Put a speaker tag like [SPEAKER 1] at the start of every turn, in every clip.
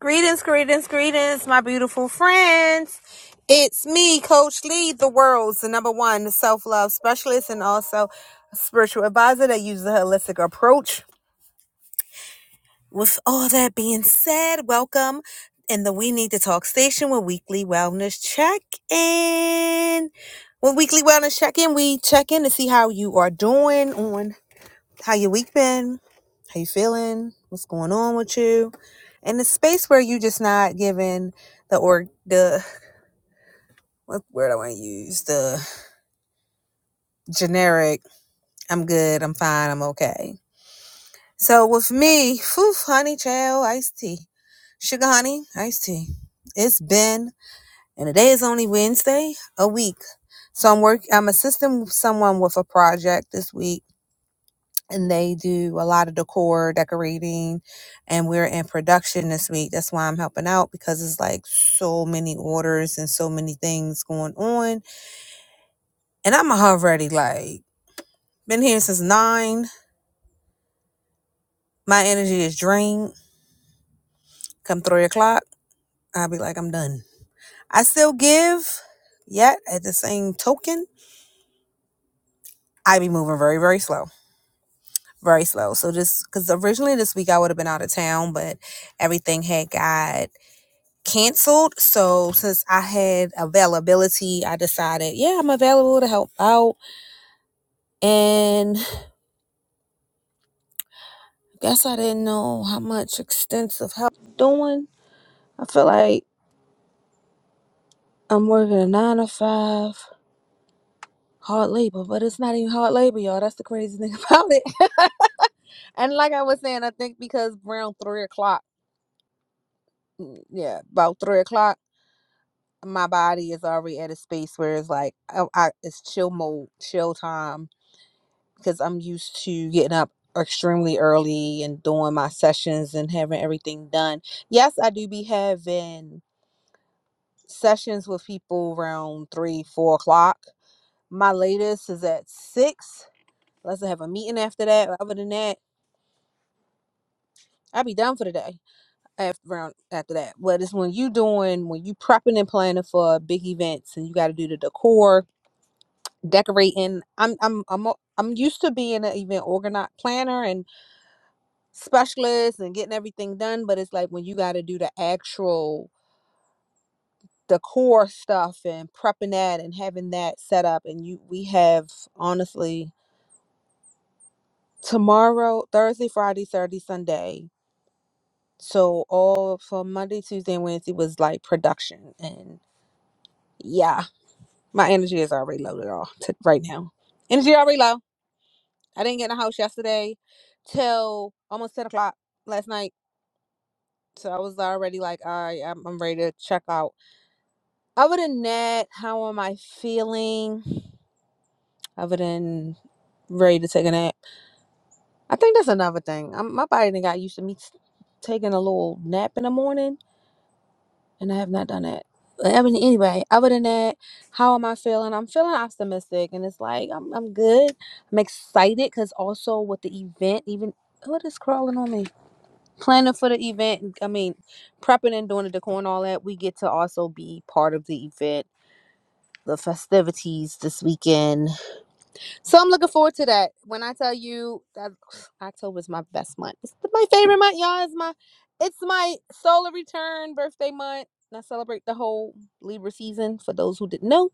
[SPEAKER 1] Greetings, greetings, greetings, my beautiful friends. It's me, Coach Lee, the world's number one self love specialist and also a spiritual advisor that uses a holistic approach. With all that being said, welcome in the We Need to Talk station with weekly wellness check in. With weekly wellness check in, we check in to see how you are doing on how your week been? How you feeling? What's going on with you? And the space where you just not giving the or the what word I want to use the generic. I'm good. I'm fine. I'm okay. So with me, phew, honey, child, iced tea, sugar, honey, iced tea. It's been and today is only Wednesday, a week. So I'm work. I'm assisting someone with a project this week and they do a lot of decor decorating and we're in production this week that's why i'm helping out because it's like so many orders and so many things going on and i'm already like been here since nine my energy is drained come three o'clock i'll be like i'm done i still give yet at the same token i be moving very very slow very slow so just because originally this week i would have been out of town but everything had got canceled. So since I had availability, I decided, yeah, I'm available to help out. And I guess I didn't know how much extensive help I'm doing. I feel like I'm working a nine to five hard labor, but it's not even hard labor, y'all. That's the crazy thing about it. and like I was saying, I think because around three o'clock, mm, yeah, about three o'clock, my body is already at a space where it's like I, I, it's chill mode, chill time because I'm used to getting up extremely early and doing my sessions and having everything done. Yes, I do be having sessions with people around three, four o'clock. My latest is at six. Unless I have a meeting after that. Other than that, I'll be done for the day after around after that. But it's when you doing when you prepping and planning for big events and you gotta do the decor, decorating. I'm I'm I'm am i I'm used to being an event organizer planner and. specialists and getting everything done, but it's like when you got to do the actual the core stuff and prepping that and having that set up and you we have honestly tomorrow, Thursday, Friday, Saturday, Sunday. So all for Monday, Tuesday, and Wednesday was like production and yeah, my energy is already low off t- right now. Energy already low. I didn't get in the house yesterday till almost ten o'clock last night, so I was already like, all right, I'm, I'm ready to check out Other than that, how am I feeling? Other than ready to take a nap, I think that's another thing. i my body done got used to me t- taking a little nap in the morning, and I have not done that. But I mean, anyway, other than that, how am I feeling? I'm feeling optimistic, and it's like I'm I'm good. I'm excited because also with the event, even what is crawling on me? Planning for the event. I mean, prepping and doing the decor and all that. We get to also be part of the event the festivities this weekend. So I'm looking forward to that. When I tell you that October is my best month. It's my favorite month, y'all. It's my it's my solar return birthday month. And I celebrate the whole Libra season for those who didn't know.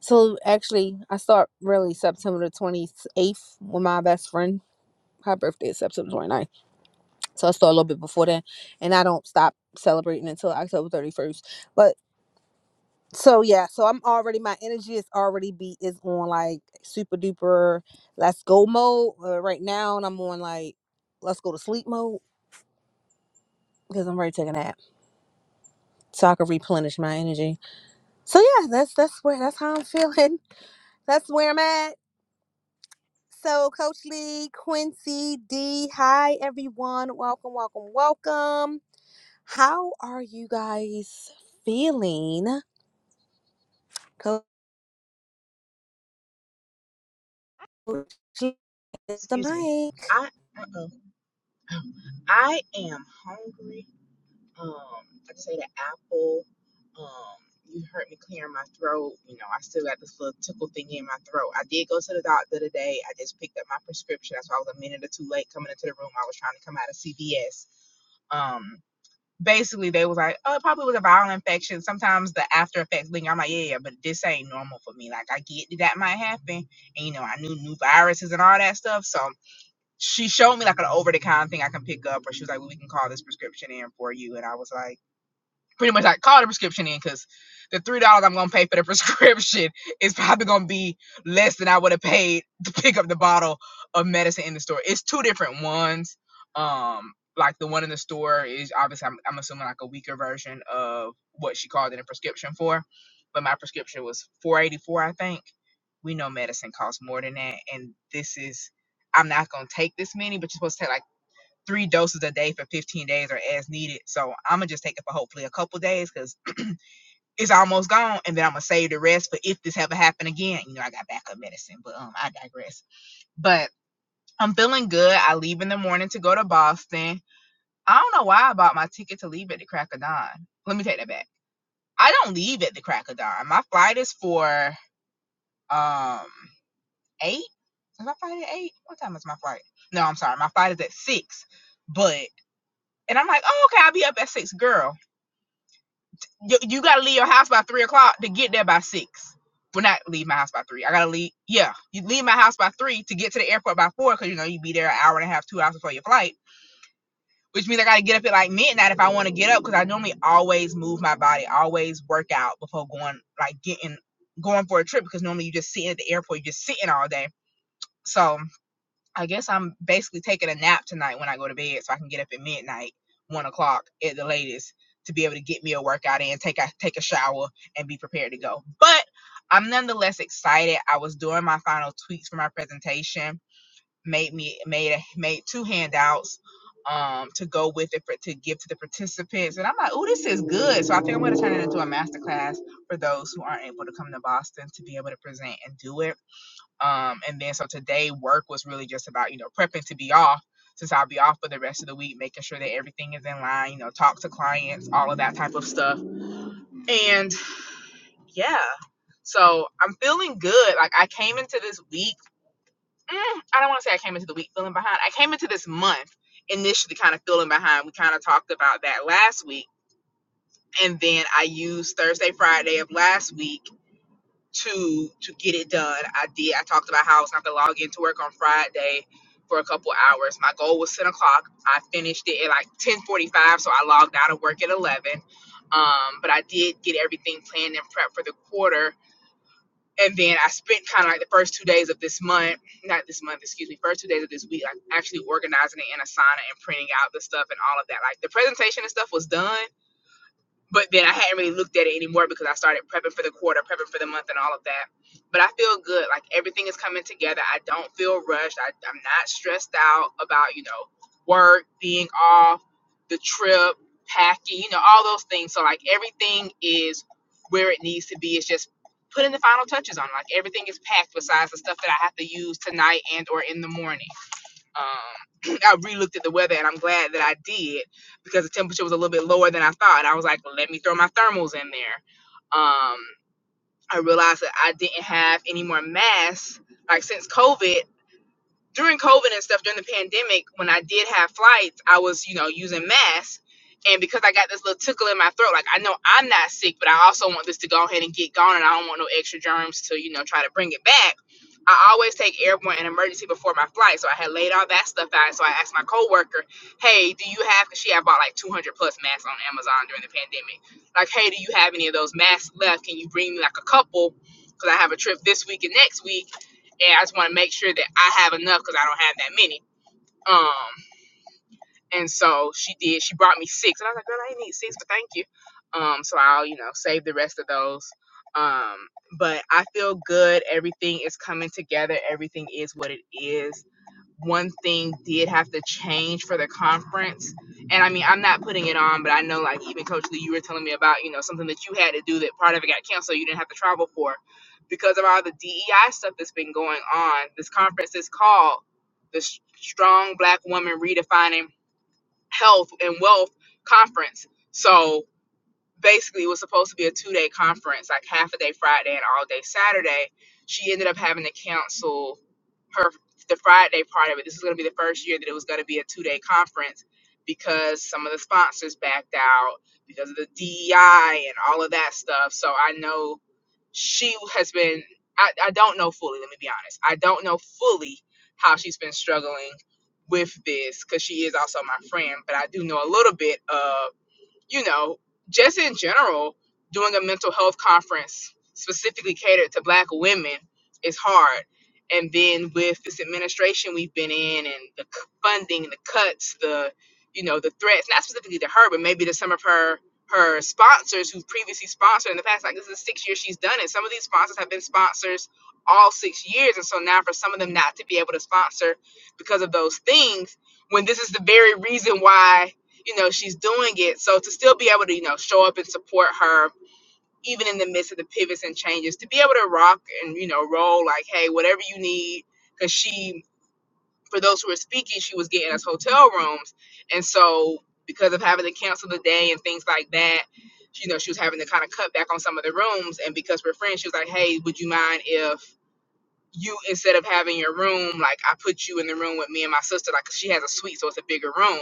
[SPEAKER 1] So actually I start really September the 28th with my best friend. Her birthday is September 29th. So I start a little bit before that. And I don't stop celebrating until October 31st. But so yeah so i'm already my energy is already be is on like super duper let's go mode uh, right now and i'm on like let's go to sleep mode because i'm ready to take a nap so i can replenish my energy so yeah that's that's where that's how i'm feeling that's where i'm at so coach lee quincy d hi everyone welcome welcome welcome how are you guys feeling coach Lee, the
[SPEAKER 2] excuse me.
[SPEAKER 1] mic
[SPEAKER 2] I uh-uh. I am hungry. Um, like I just ate an apple. Um, you heard me clearing my throat. You know, I still got this little tickle thing in my throat. I did go to the doctor today. I just picked up my prescription. That's why I was a minute or two late coming into the room. I was trying to come out of CVS. Um, basically they was like, oh, it probably was a viral infection. Sometimes the after effects linger. I'm like, yeah, yeah, but this ain't normal for me. Like I get that that might happen, and you know, I knew new viruses and all that stuff, so she showed me like an over the counter thing I can pick up, or she was like, well, we can call this prescription in for you. And I was like, pretty much like call the prescription in because the three dollars I'm gonna pay for the prescription is probably gonna be less than I would have paid to pick up the bottle of medicine in the store. It's two different ones. Um, like the one in the store is obviously I'm, I'm assuming like a weaker version of what she called it a prescription for, but my prescription was 484 I think. We know medicine costs more than that, and this is I'm not gonna take this many, but you're supposed to take like three doses a day for 15 days or as needed. So I'm gonna just take it for hopefully a couple days because it's almost gone, and then I'm gonna save the rest for if this ever happen again. You know, I got backup medicine, but um, I digress. But I'm feeling good. I leave in the morning to go to Boston. I don't know why I bought my ticket to leave at the crack of dawn. Let me take that back. I don't leave at the crack of dawn. My flight is for um eight. Is my flight at eight? What time is my flight? No, I'm sorry. My flight is at six. But and I'm like, oh okay, I'll be up at six, girl. you, you gotta leave your house by three o'clock to get there by six. Well, not leave my house by three. I gotta leave. Yeah, you leave my house by three to get to the airport by four because you know you be there an hour and a half, two hours before your flight. Which means I gotta get up at like midnight if I want to get up because I normally always move my body, always work out before going like getting going for a trip because normally you just sitting at the airport, you just sitting all day. So I guess I'm basically taking a nap tonight when I go to bed, so I can get up at midnight, one o'clock at the latest, to be able to get me a workout in, take a take a shower, and be prepared to go. But I'm nonetheless excited. I was doing my final tweaks for my presentation, made me made a, made two handouts um to go with it for to give to the participants and i'm like oh this is good so i think i'm going to turn it into a masterclass for those who aren't able to come to boston to be able to present and do it um, and then so today work was really just about, you know, prepping to be off since I'll be off for the rest of the week, making sure that everything is in line, you know, talk to clients, all of that type of stuff. And yeah, so I'm feeling good. Like I came into this week, mm, I don't want to say I came into the week feeling behind. I came into this month initially kind of feeling behind. We kind of talked about that last week. And then I used Thursday, Friday of last week to to get it done. I did. I talked about how I was not gonna log into work on Friday for a couple hours. My goal was ten o'clock. I finished it at like ten forty five, so I logged out of work at eleven. Um, but I did get everything planned and prepped for the quarter. And then I spent kind of like the first two days of this month, not this month, excuse me, first two days of this week, like actually organizing it in Asana and printing out the stuff and all of that. Like the presentation and stuff was done, but then I hadn't really looked at it anymore because I started prepping for the quarter, prepping for the month, and all of that. But I feel good. Like everything is coming together. I don't feel rushed. I, I'm not stressed out about, you know, work, being off, the trip, packing, you know, all those things. So, like, everything is where it needs to be. It's just putting the final touches on. Like, everything is packed besides the stuff that I have to use tonight and or in the morning. Um, I re-looked at the weather, and I'm glad that I did because the temperature was a little bit lower than I thought. I was like, well, let me throw my thermals in there. Um, I realized that I didn't have any more masks. Like since COVID, during COVID and stuff during the pandemic, when I did have flights, I was, you know, using masks. And because I got this little tickle in my throat, like I know I'm not sick, but I also want this to go ahead and get gone and I don't want no extra germs to, you know, try to bring it back. I always take airborne and emergency before my flight. So I had laid all that stuff out. So I asked my coworker, hey, do you have, because she had bought like 200 plus masks on Amazon during the pandemic. Like, hey, do you have any of those masks left? Can you bring me like a couple? Because I have a trip this week and next week and I just want to make sure that I have enough because I don't have that many. Um, and so she did. She brought me six, and I was like, "Girl, I ain't need six, but thank you." Um, so I'll you know save the rest of those. Um, but I feel good. Everything is coming together. Everything is what it is one thing did have to change for the conference. And I mean, I'm not putting it on, but I know like even Coach Lee, you were telling me about, you know, something that you had to do that part of it got canceled, you didn't have to travel for. Because of all the DEI stuff that's been going on, this conference is called the S- Strong Black Woman Redefining Health and Wealth Conference. So basically it was supposed to be a two day conference, like half a day Friday and all day Saturday. She ended up having to cancel her the Friday part of it. This was going to be the first year that it was going to be a two day conference because some of the sponsors backed out because of the DEI and all of that stuff. So I know she has been. I, I don't know fully. Let me be honest. I don't know fully how she's been struggling with this because she is also my friend, but I do know a little bit of you know, just in general, doing a mental health conference specifically catered to black women is hard. And then with this administration we've been in and the c- funding, the cuts, the you know, the threats, not specifically to her, but maybe to some of her her sponsors who previously sponsored in the past, like this is six years she's done it. Some of these sponsors have been sponsors all six years. And so now for some of them not to be able to sponsor because of those things, when this is the very reason why you know she's doing it so to still be able to you know show up and support her even in the midst of the pivots and changes to be able to rock and you know roll like hey whatever you need because she for those who were speaking she was getting us hotel rooms and so because of having to cancel the day and things like that you know she was having to kind of cut back on some of the rooms and because we're friends she was like hey would you mind if you instead of having your room, like I put you in the room with me and my sister, like 'cause she has a suite, so it's a bigger room.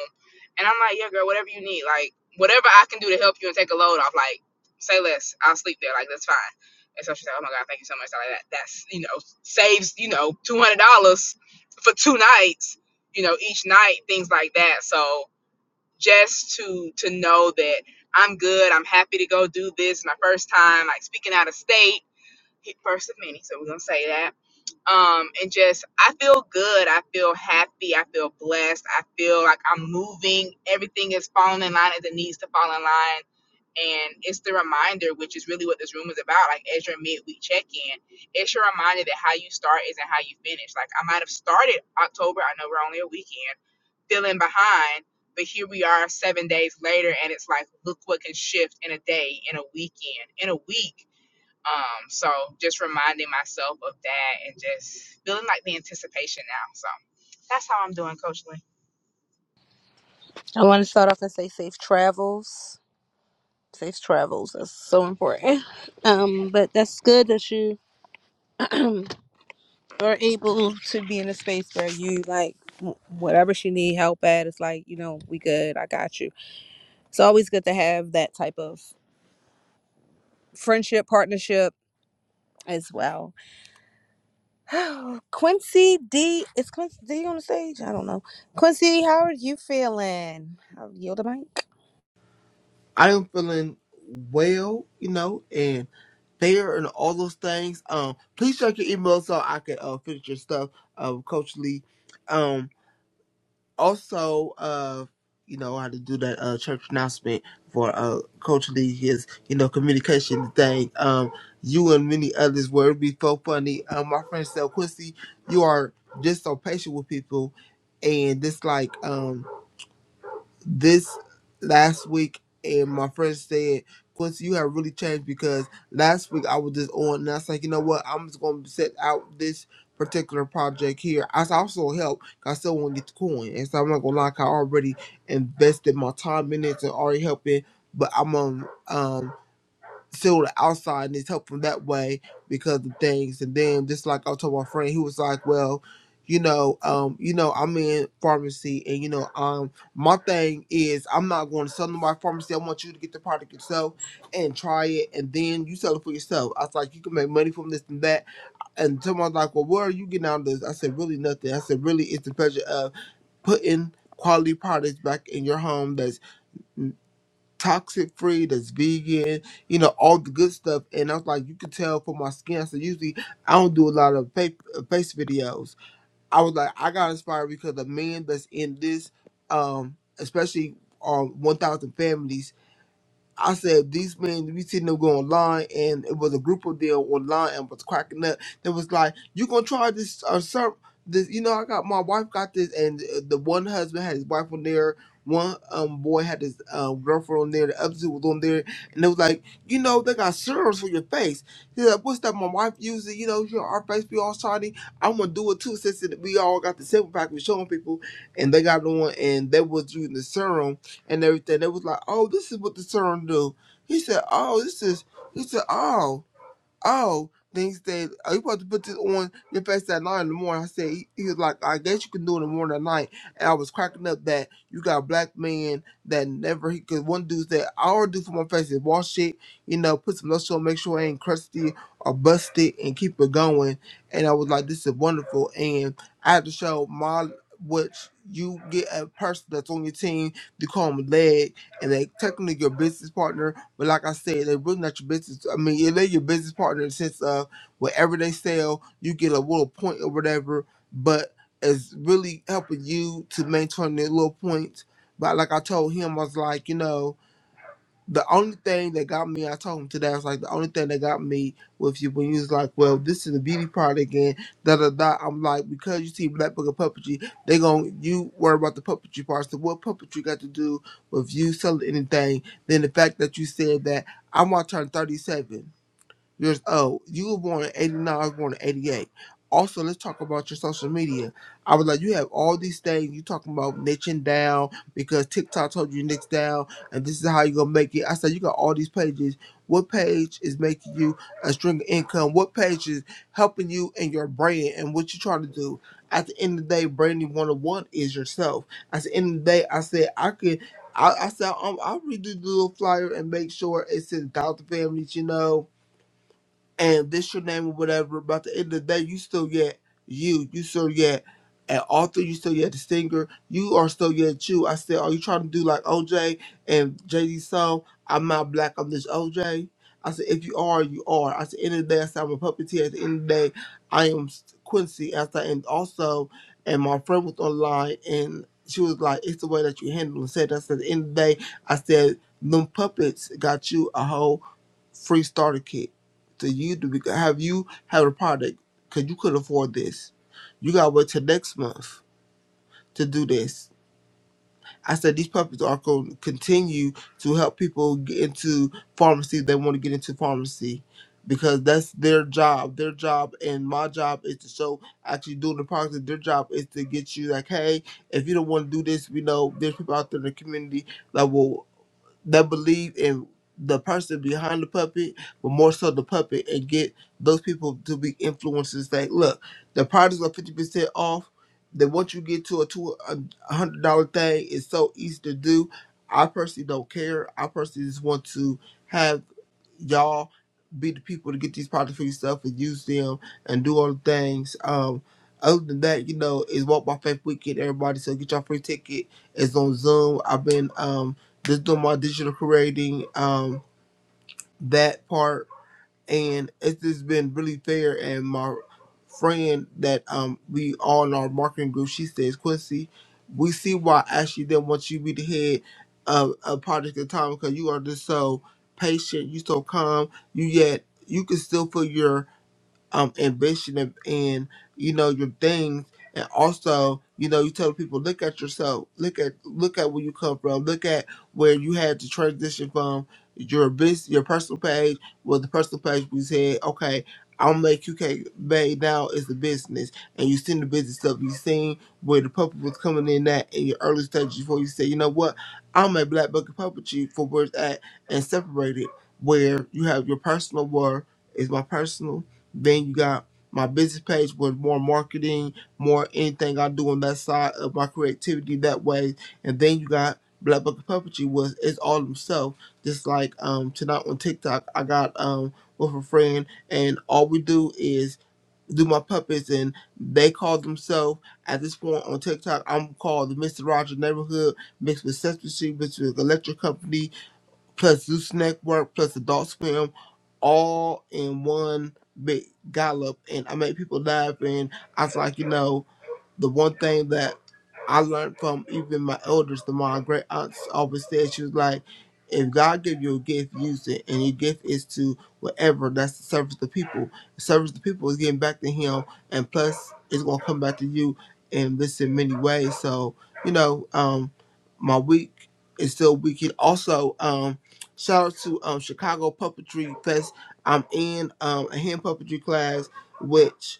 [SPEAKER 2] And I'm like, yeah, girl, whatever you need, like whatever I can do to help you and take a load off, like say less, I'll sleep there, like that's fine. And so she's like, oh my god, thank you so much, like that, that's you know saves you know two hundred dollars for two nights, you know each night, things like that. So just to to know that I'm good, I'm happy to go do this, my first time, like speaking out of state, first of many, so we're gonna say that um and just i feel good i feel happy i feel blessed i feel like i'm moving everything is falling in line as it needs to fall in line and it's the reminder which is really what this room is about like as your midweek check-in it's your reminder that how you start isn't how you finish like i might have started october i know we're only a weekend feeling behind but here we are seven days later and it's like look what can shift in a day in a weekend in a week um, so just reminding myself of that and just feeling like the anticipation now. So that's how I'm doing, Coach Lee.
[SPEAKER 1] I want to start off and say safe travels. Safe travels. That's so important. Um, but that's good that you are able to be in a space where you like w- whatever she need help at. It's like you know we good. I got you. It's always good to have that type of friendship partnership as well. Quincy D. Is Quincy D on the stage? I don't know. Quincy, how are you feeling? I'll yield the mic.
[SPEAKER 3] I am feeling well, you know, and there and all those things. Um, please check your email so I can uh, finish your stuff, uh, Coach Lee. Um, also, uh, you know, I had to do that uh, church announcement for uh, Coach Lee, his, you know, communication thing. Um, you and many others were it'd be so funny. Um, my friend said, Quincy, you are just so patient with people. And this, like, um this last week and my friend said, Quincy, you have really changed because last week I was just on and I was like, you know what, I'm just gonna set out this particular project here." here. I s- also help 'cause I still wanna get the coin. And so I'm not gonna lie, 'cause I already invested my time in it and already helping, but I'm um um seal the outside and it's helpful that way because of things. And then just like I told my friend, he was like, Well, you know, um, you know, I'm in pharmacy and you know, um my thing is I'm not going to sell to my pharmacy. I want you to get the product yourself and try it and then you sell it for yourself. I was like, You can make money from this and that and someone's like, Well, where are you getting out of this? I said, Really nothing. I said, Really it's the pleasure of putting quality products back in your home that's toxic free, that's vegan, you know, all the good stuff. And I was like, you could tell from my skin. So usually I don't do a lot of fa- uh, face videos. I was like, I got inspired because the men that's in this, um, especially on 1,000 families I said these men we seen them go online and it was a group of them online and was cracking up. They was like, "You gonna try this uh, sir? This you know I got my wife got this and uh, the one husband had his wife on there, one um boy had his uh, girlfriend on there, the other two was on there and it was like, you know they got serums for your face. He's like, what's that? My wife using you know your our face be all shiny. I'm gonna do it too since it- we all got the sample pack we showing people and they got it on and they was using the serum and everything. They was like, oh, this is what the song do. He said, oh, this is, he said, oh. Oh, then he said, Are you supposed to put this on your face at nine in the morning? I said, He, he was like, I guess you can do it in the morning at night. And I was cracking up that you got a black man that never, he could, one dude said, All I already do for my face is wash it, you know, put some lotion on, make sure it ain't crusty or busted, and keep it going. And I was like, This is wonderful. And I had to show my, which you get a person that's on your team, you call them leg, and they technically your business partner but like I said, they're really not your business. I mean, yeah, they're your business partner in the sense of whatever they sell, you get a little point or whatever, but it's really helping you to maintain that little point. But like I told him, I was like, you know, the only thing that got me, I told him today, I was like, the only thing that got me with you when you was like, well, this is the beauty part again, da da da. I'm like, because you see Black Book of Puppetry, they gon' you worry about the puppetry part. So what puppetry got to do with you selling anything? Then the fact that you said that I'm out turn 37 years old. You were born in 89, I was born in 88. Also, let's talk about your social media. I was like, you have all these things. You talking about niching down because TikTok told you niche down and this is how you going to make it. I said, you got all these pages. What page is making you a string of income? What page is helping you in your brand and what you trying to do? At the end of the day, branding 101 is yourself. At the end of the day, I said, I could, I, I said, um, I'll redo the little flyer and make sure it says Doubt the Families, you know and this your name or whatever, but at the end of the day, you still get you. You still get an author. You still get the singer. You are still yet you. I said, are you trying to do like OJ and JD song? I'm not black. I'm this OJ. I said, if you are, you are. I said, end of the day, I said, I'm a puppeteer. At the end of the day, I am Quincy. As I and also, and my friend was online and she was like, it's the way that you handle it. Said, I said, at the end of the day, I said, them puppets got you a whole." free starter kit to you to be, have you have a product because you could afford this. You gotta wait till next month to do this. I said these puppies are going to continue to help people get into pharmacy. They want to get into pharmacy because that's their job. Their job and my job is to show actually doing the product. Their job is to get you like, hey, if you don't want to do this, we know there's people out there in the community that will that believe in the person behind the puppet, but more so the puppet, and get those people to be influencers. Like, look, the products are fifty percent off. Then once you get to a two a hundred dollar thing, it's so easy to do. I personally don't care. I personally just want to have y'all be the people to get these products for yourself and use them and do all the things. Um, other than that, you know, it's Walk by Faith Weekend, everybody. So get your free ticket. It's on Zoom. I've been um just doing my digital creating um that part and it's just been really fair. And my friend that um we all in our marketing group, she says, Quincy, we see why Ashley didn't want you to be the head of a project at the time because you are just so patient, you so calm, you yet you can still feel your um ambition and, and you know your things and also you know you tell people look at yourself look at look at where you come from look at where you had to transition from your business your personal page well the personal page we said okay I'll make UK Bay now is the business and you seen the business stuff you seen where the puppet was coming in at in your early stages before you say you know what I'm a black bucket puppetry for where it's at and separate it where you have your personal work is my personal then you got my business page with more marketing, more anything I do on that side of my creativity that way. And then you got Black Bucket Puppetry was it's all himself. Just like um tonight on TikTok I got um with a friend and all we do is do my puppets and they call themselves at this point on TikTok I'm called the Mr. Roger Neighborhood mixed with Sesame Street mixed with Electric Company plus Zeus Network plus Adult Swim all in one big gallop and I made people laugh and I was like, you know, the one thing that I learned from even my elders, the my great aunts always said, she was like, if God give you a gift, use it. And your gift is to whatever, that's to service the people. Service the people is getting back to him and plus it's gonna come back to you in this in many ways. So, you know, um my week is still weekend. Also, um shout out to um Chicago Puppetry Fest. I'm in um a hand puppetry class which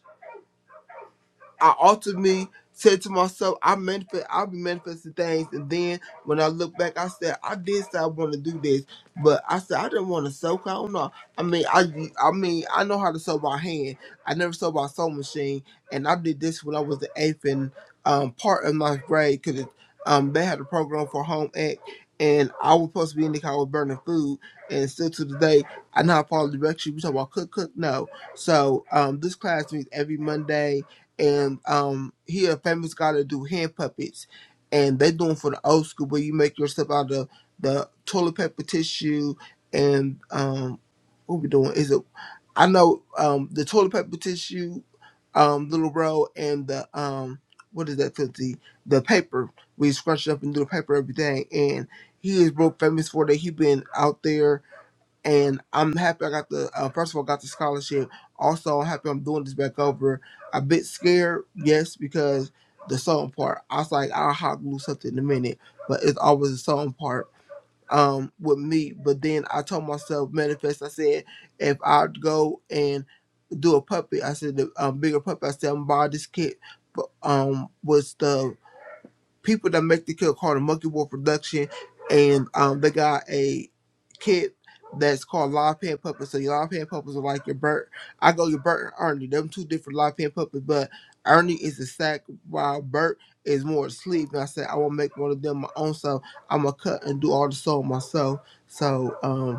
[SPEAKER 3] I altered me, said to myself, I manifest I'll be manifesting things and then when I look back I said I did say I wanna do this, but I said I didn't want to sew 'cause I don't know. I mean I I mean I know how to sew by hand. I never sewed by sewing machine and I did this when I was the eighth and um part of my grade because um they had a program for home ec and I was supposed to be in the car with burning food and still to the day I know how to follow directions. We talk about cook cook no. So um this class meets every Monday and um he a famous guy to do hand puppets and they doing for the old school where you make your stuff out of the toilet paper tissue and um what we doing is it i know um the toilet paper tissue um little bro and the um what is that filthy the paper we scrunch it up and do the paper every day and he is real famous for that he been out there and I'm happy I got the uh, first of all got the scholarship. Also, I'm happy I'm doing this back over. A bit scared, yes, because the sewing part. I was like, I'll hot glue something in a minute, but it's always the sewing part um with me. But then I told myself manifest. I said if I go and do a puppet, I said the um, bigger puppet. I said I'm gonna buy this kit, but um was the people that make the kid called the Monkey War Production, and um, they got a kid that's called Live Pan Puppets. So your Live Pan Puppets are like your Bert. I go your Bert and Ernie. Them two different Live Pan Puppets, but Ernie is a sack while Bert is more asleep. And I said I want to make one of them my own, so I'm gonna cut and do all the sewing myself. So um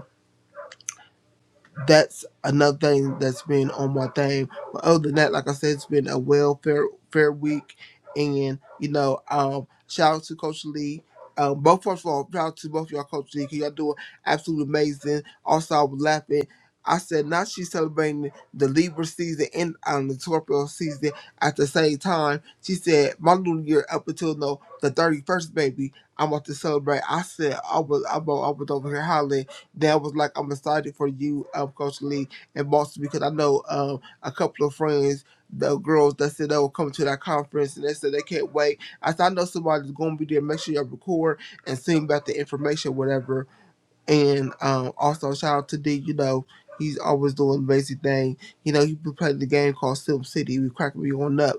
[SPEAKER 3] that's another thing that's been on my thing. But other than that, like I said, it's been a welfare fair week, and you know, um, shout out to Coach Lee. Um, both first of all, shout out to both y'all, Coach Lee, 'cause y'all doing absolutely amazing. Also, I was laughing. I said, now she's celebrating the Libra season and um, the Scorpio season at the same time. She said, my new year up until no, the 31st, baby, I'm about to celebrate. I said, I was, I was, I was over here hollering that was like, I'm excited for you, um, Coach Lee and Boston, because I know um, a couple of friends, the girls that said they will come to that conference and they said they can't wait. I said, I know somebody's going to be there. Make sure you record and send back the information, whatever. And um, also shout out to D. You know, he's always doing amazing thing. You know, he be playing the game called Sim City. He be cracking me on up,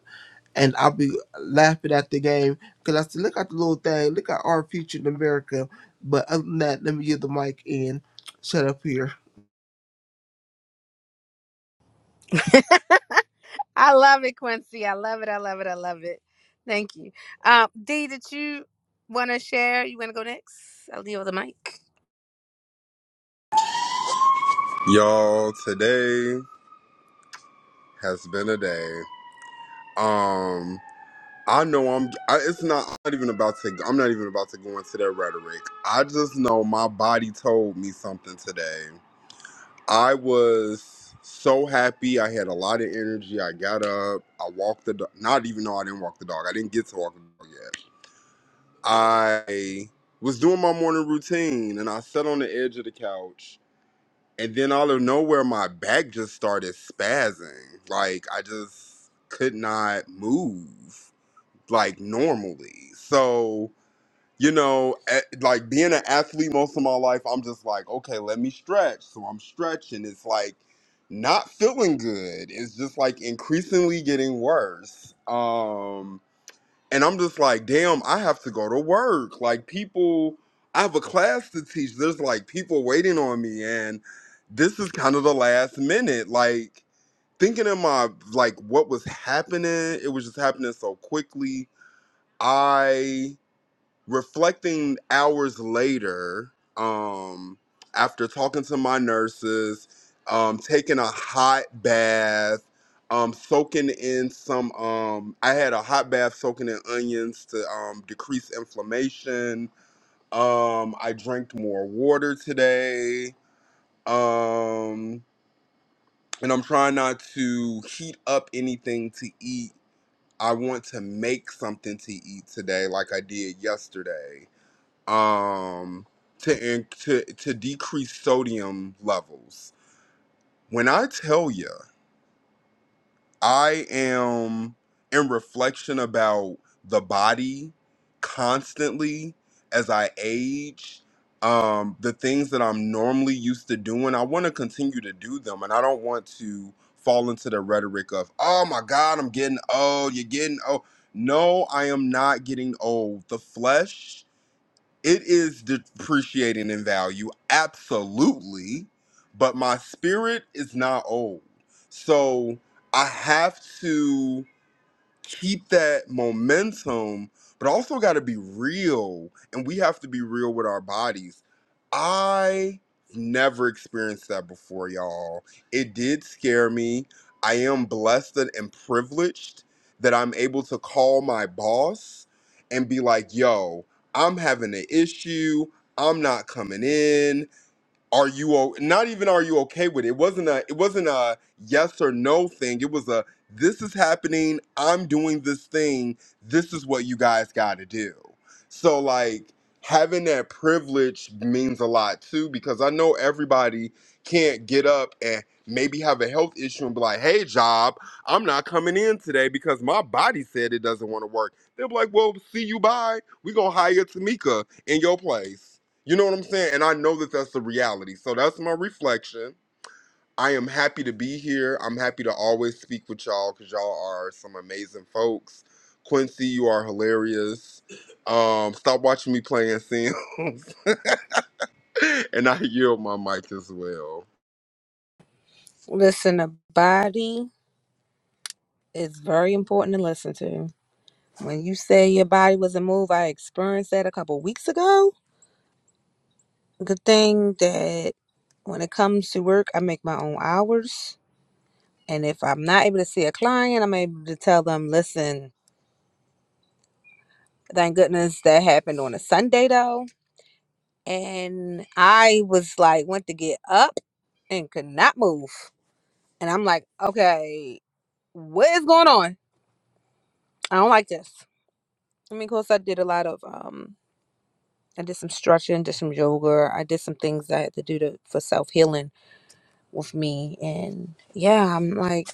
[SPEAKER 3] and I'll be laughing at the game because I said, look at the little thing. Look at our future in America. But other than that, let me give the mic and shut up here.
[SPEAKER 1] I love it, Quincy. I love it. I love it. I love it. Thank you. Um, Dee, did you want to share? You want to go next? I'll leave the mic.
[SPEAKER 4] Y'all, today has been a day. Um, I know I'm. I, it's not. I'm not even about to. I'm not even about to go into that rhetoric. I just know my body told me something today. I was so happy. I had a lot of energy. I got up. I walked the dog. Not even though I didn't walk the dog. I didn't get to walk the dog yet. I was doing my morning routine, and I sat on the edge of the couch And then out of nowhere, my back just started spazzing. Like I just could not move like normally. So, you know, a- like being an athlete most of my life, I'm just like, okay, let me stretch. So I'm stretching. It's like not feeling good. It's just like increasingly getting worse. Um, and I'm just like, damn, I have to go to work. Like people, I have a class to teach. There's like people waiting on me, and this is kind of the last minute. Like thinking in my like what was happening, it was just happening so quickly. I reflecting hours later, um, after talking to my nurses, um, taking a hot bath, um, soaking in some, um, I had a hot bath soaking in onions to um, decrease inflammation. Um, I drank more water today. Um, and I'm trying not to heat up anything to eat. I want to make something to eat today, like I did yesterday um, to in, to to decrease sodium levels. When I tell you, I am in reflection about the body constantly as I age. Um, the things that I'm normally used to doing, I want to continue to do them, and I don't want to fall into the rhetoric of "Oh my God, I'm getting old." You're getting old. No, I am not getting old. The flesh it is depreciating in value, absolutely, but my spirit is not old. So I have to keep that momentum, but also got to be real. And we have to be real with our bodies. I never experienced that before, y'all. It did scare me. I am blessed and privileged that I'm able to call my boss and be like, yo, I'm having an issue. I'm not coming in are you o- not even are you okay with it? It wasn't a it wasn't a yes or no thing. It was a this is happening. I'm doing this thing. This is what you guys got to do. So like having that privilege means a lot too because I know everybody can't get up and maybe have a health issue and be like, "Hey, job, I'm not coming in today because my body said it doesn't want to work." They'll be like, "Well, see you bye. We gonna hire Tamika in your place." You know what I'm saying? And I know that that's the reality. So that's my reflection. I am happy to be here. I'm happy to always speak with y'all because y'all are some amazing folks. Quincy, you are hilarious. Um, stop watching me playing Sims. and I yield my mic as well.
[SPEAKER 1] Listen, the body is very important to listen to. When you say your body was a move, I experienced that a couple weeks ago. Good thing that when it comes to work, I make my own hours. And if I'm not able to see a client, I'm able to tell them, listen, thank goodness that happened on a Sunday though. and I was like, went to get up and could not move. And I'm like, okay, what is going on? I don't like this. I mean, of course, I did a lot of, um, I did some stretching, did some yoga. I did some things I had to do to, for self healing with me. And yeah, I'm like,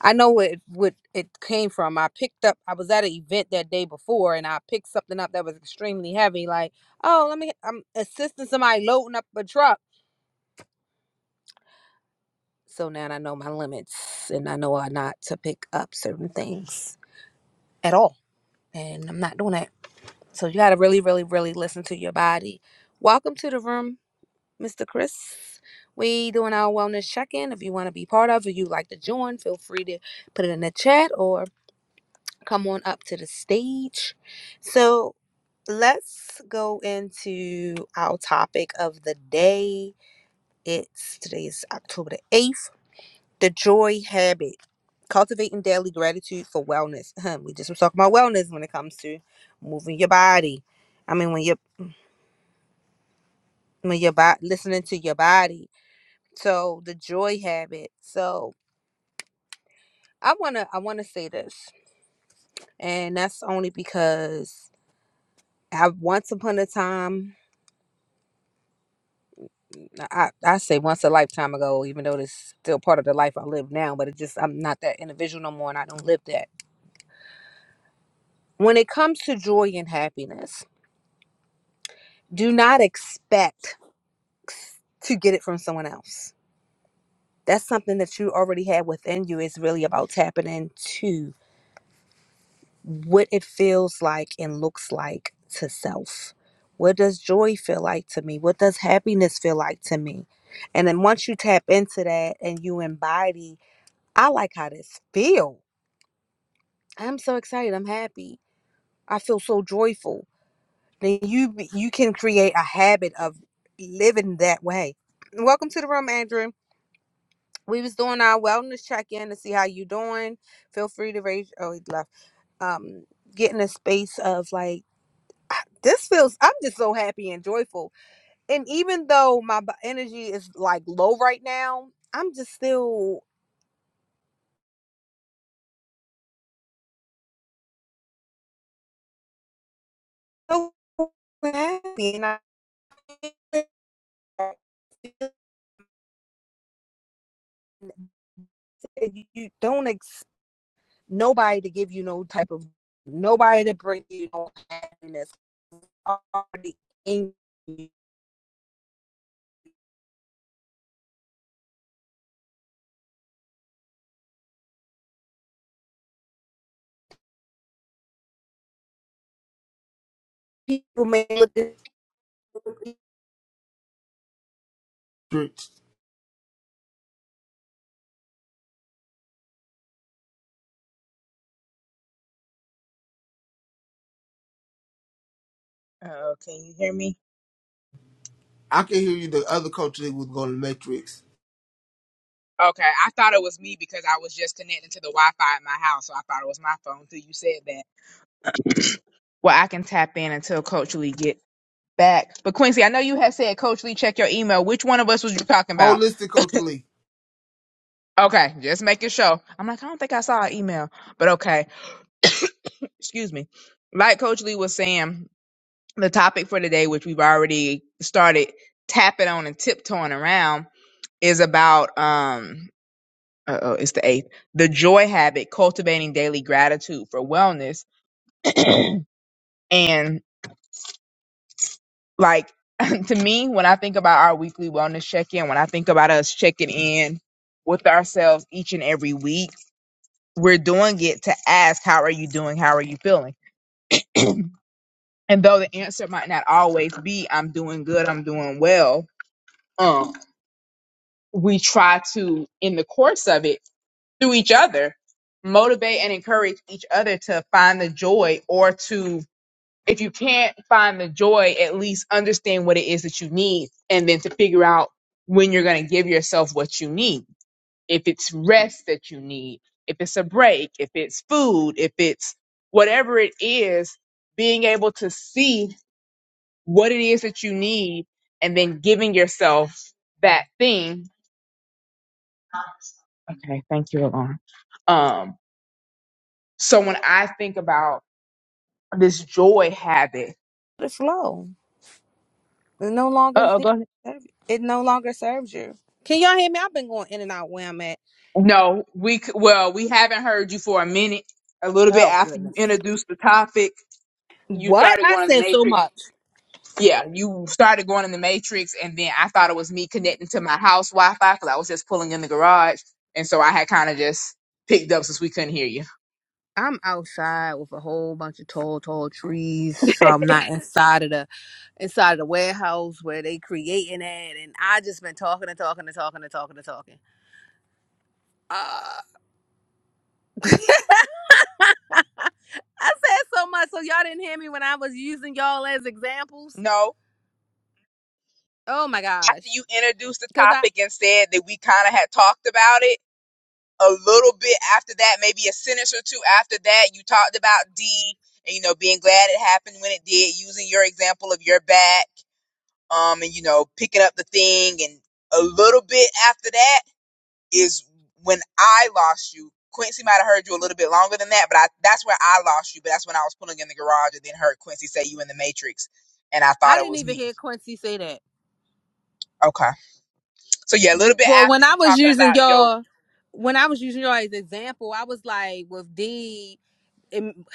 [SPEAKER 1] I know what, it- what it came from. I picked up, I was at an event that day before and I picked something up that was extremely heavy. Like, oh, let me, I'm assisting somebody loading up a truck So now I know my limits and I know I not to pick up certain things at all. And I'm not doing that. So you gotta really, really, really listen to your body. Welcome to the room, Mr. Chris. We doing our wellness check-in. If you want to be part of it, you like to join, feel free to put it in the chat or come on up to the stage. So let's go into our topic of the day. It's today is October the 8th. The joy habit. Cultivating daily gratitude for wellness. we just was talking about wellness when it comes to moving your body. I mean, when you're when your body listening to your body. So the joy habit. So I wanna I wanna say this, and that's only because I once upon a time I I say once a lifetime ago, even though it's still part of the life I live now, but it just I'm not that individual no more, and I don't live that. When it comes to joy and happiness, do not expect to get it from someone else that's something that you already have within you It's really about tapping into what it feels like and looks like to self what does joy feel like to me what does happiness feel like to me and then once you tap into that and you embody i like how this feel i'm so excited i'm happy i feel so joyful then you be- you can create a habit of living that way welcome to the room andrew we was doing our wellness check-in to see how you doing feel free to raise oh he left um getting a space of like "Ah, this feels i'm just so happy and joyful and even though my b- energy is like low right now i'm just still so happy and i you don't expect nobody to give you no type of nobody to bring you no happiness already in you people may look at
[SPEAKER 2] Oh, can you hear me?
[SPEAKER 3] I can hear you. The other coach Lee was going to Matrix.
[SPEAKER 2] Okay, I thought it was me because I was just connecting to the Wi-Fi at my house, so I thought it was my phone till you said that. well, I can tap in until Coach Lee get back. But Quincy, I know you had said Coach Lee check your email. Which one of us was you talking about?
[SPEAKER 3] Holistic coach Lee.
[SPEAKER 2] Okay, just making sure. I'm like, I don't think I saw an email, but okay. Excuse me. Like Coach Lee was saying. the topic for today, which we've already started tapping on and tiptoeing around, is about um oh it's the eighth. The joy habit, cultivating daily gratitude for wellness. And like to me, when I think about our weekly wellness check-in, when I think about us checking in with ourselves each and every week, we're doing it to ask, how are you doing? How are you feeling? And though the answer might not always be, I'm doing good, I'm doing well, um. we try to, in the course of it, through each other, motivate and encourage each other to find the joy or to, if you can't find the joy, at least understand what it is that you need and then to figure out when you're going to give yourself what you need. If it's rest that you need, if it's a break, if it's food, if it's whatever it is, being able to see what it is that you need and then giving yourself that thing Okay, thank you, Alon. Um, so when I think about this joy habit,
[SPEAKER 1] It's flow It no
[SPEAKER 2] Uh
[SPEAKER 1] longer
[SPEAKER 2] oh, go ahead.
[SPEAKER 1] it no longer serves you. Can y'all hear me? I've been going in and out where I'm at.
[SPEAKER 2] no, we c- well, we haven't heard you for a minute. A little bit
[SPEAKER 1] Oh
[SPEAKER 2] after you
[SPEAKER 1] goodness.
[SPEAKER 2] introduced the topic, you
[SPEAKER 1] What?
[SPEAKER 2] started
[SPEAKER 1] I
[SPEAKER 2] going in the
[SPEAKER 1] said so
[SPEAKER 2] matrix.
[SPEAKER 1] much.
[SPEAKER 2] Yeah, you started going in the matrix, and then I thought it was me connecting to my house Wi-Fi because I was just pulling in the garage, and so I had kind of just picked up since we couldn't hear you.
[SPEAKER 1] I'm outside with a whole bunch of tall, tall trees, so I'm not inside of the inside of the warehouse where they creating it. And I just been talking and talking and talking and talking and talking. Uh, I said so much, so y'all didn't hear me when I was using y'all as examples.
[SPEAKER 2] No,
[SPEAKER 1] Oh my
[SPEAKER 2] after
[SPEAKER 1] gosh,
[SPEAKER 2] you introduced the
[SPEAKER 1] because I
[SPEAKER 2] topic and said that we kind of had talked about it. a little bit after that, maybe a sentence or two after that, you talked about D and you know being glad it happened when it did, using your example of your back, um, and you know picking up the thing, and a little bit after that is when I lost you. Quincy might have heard you a little bit longer than that, but I, that's where I lost you. But that's when I was pulling in the garage and then heard Quincy say you in the Matrix, and I
[SPEAKER 1] I
[SPEAKER 2] thought it
[SPEAKER 1] didn't
[SPEAKER 2] was
[SPEAKER 1] even
[SPEAKER 2] me.
[SPEAKER 1] hear Quincy say that.
[SPEAKER 2] Okay, so yeah, a little bit
[SPEAKER 1] Well,
[SPEAKER 2] after
[SPEAKER 1] when I
[SPEAKER 2] you
[SPEAKER 1] was
[SPEAKER 2] talking
[SPEAKER 1] using
[SPEAKER 2] about your
[SPEAKER 1] y'all, when I was using y'all as example, I was like with D. and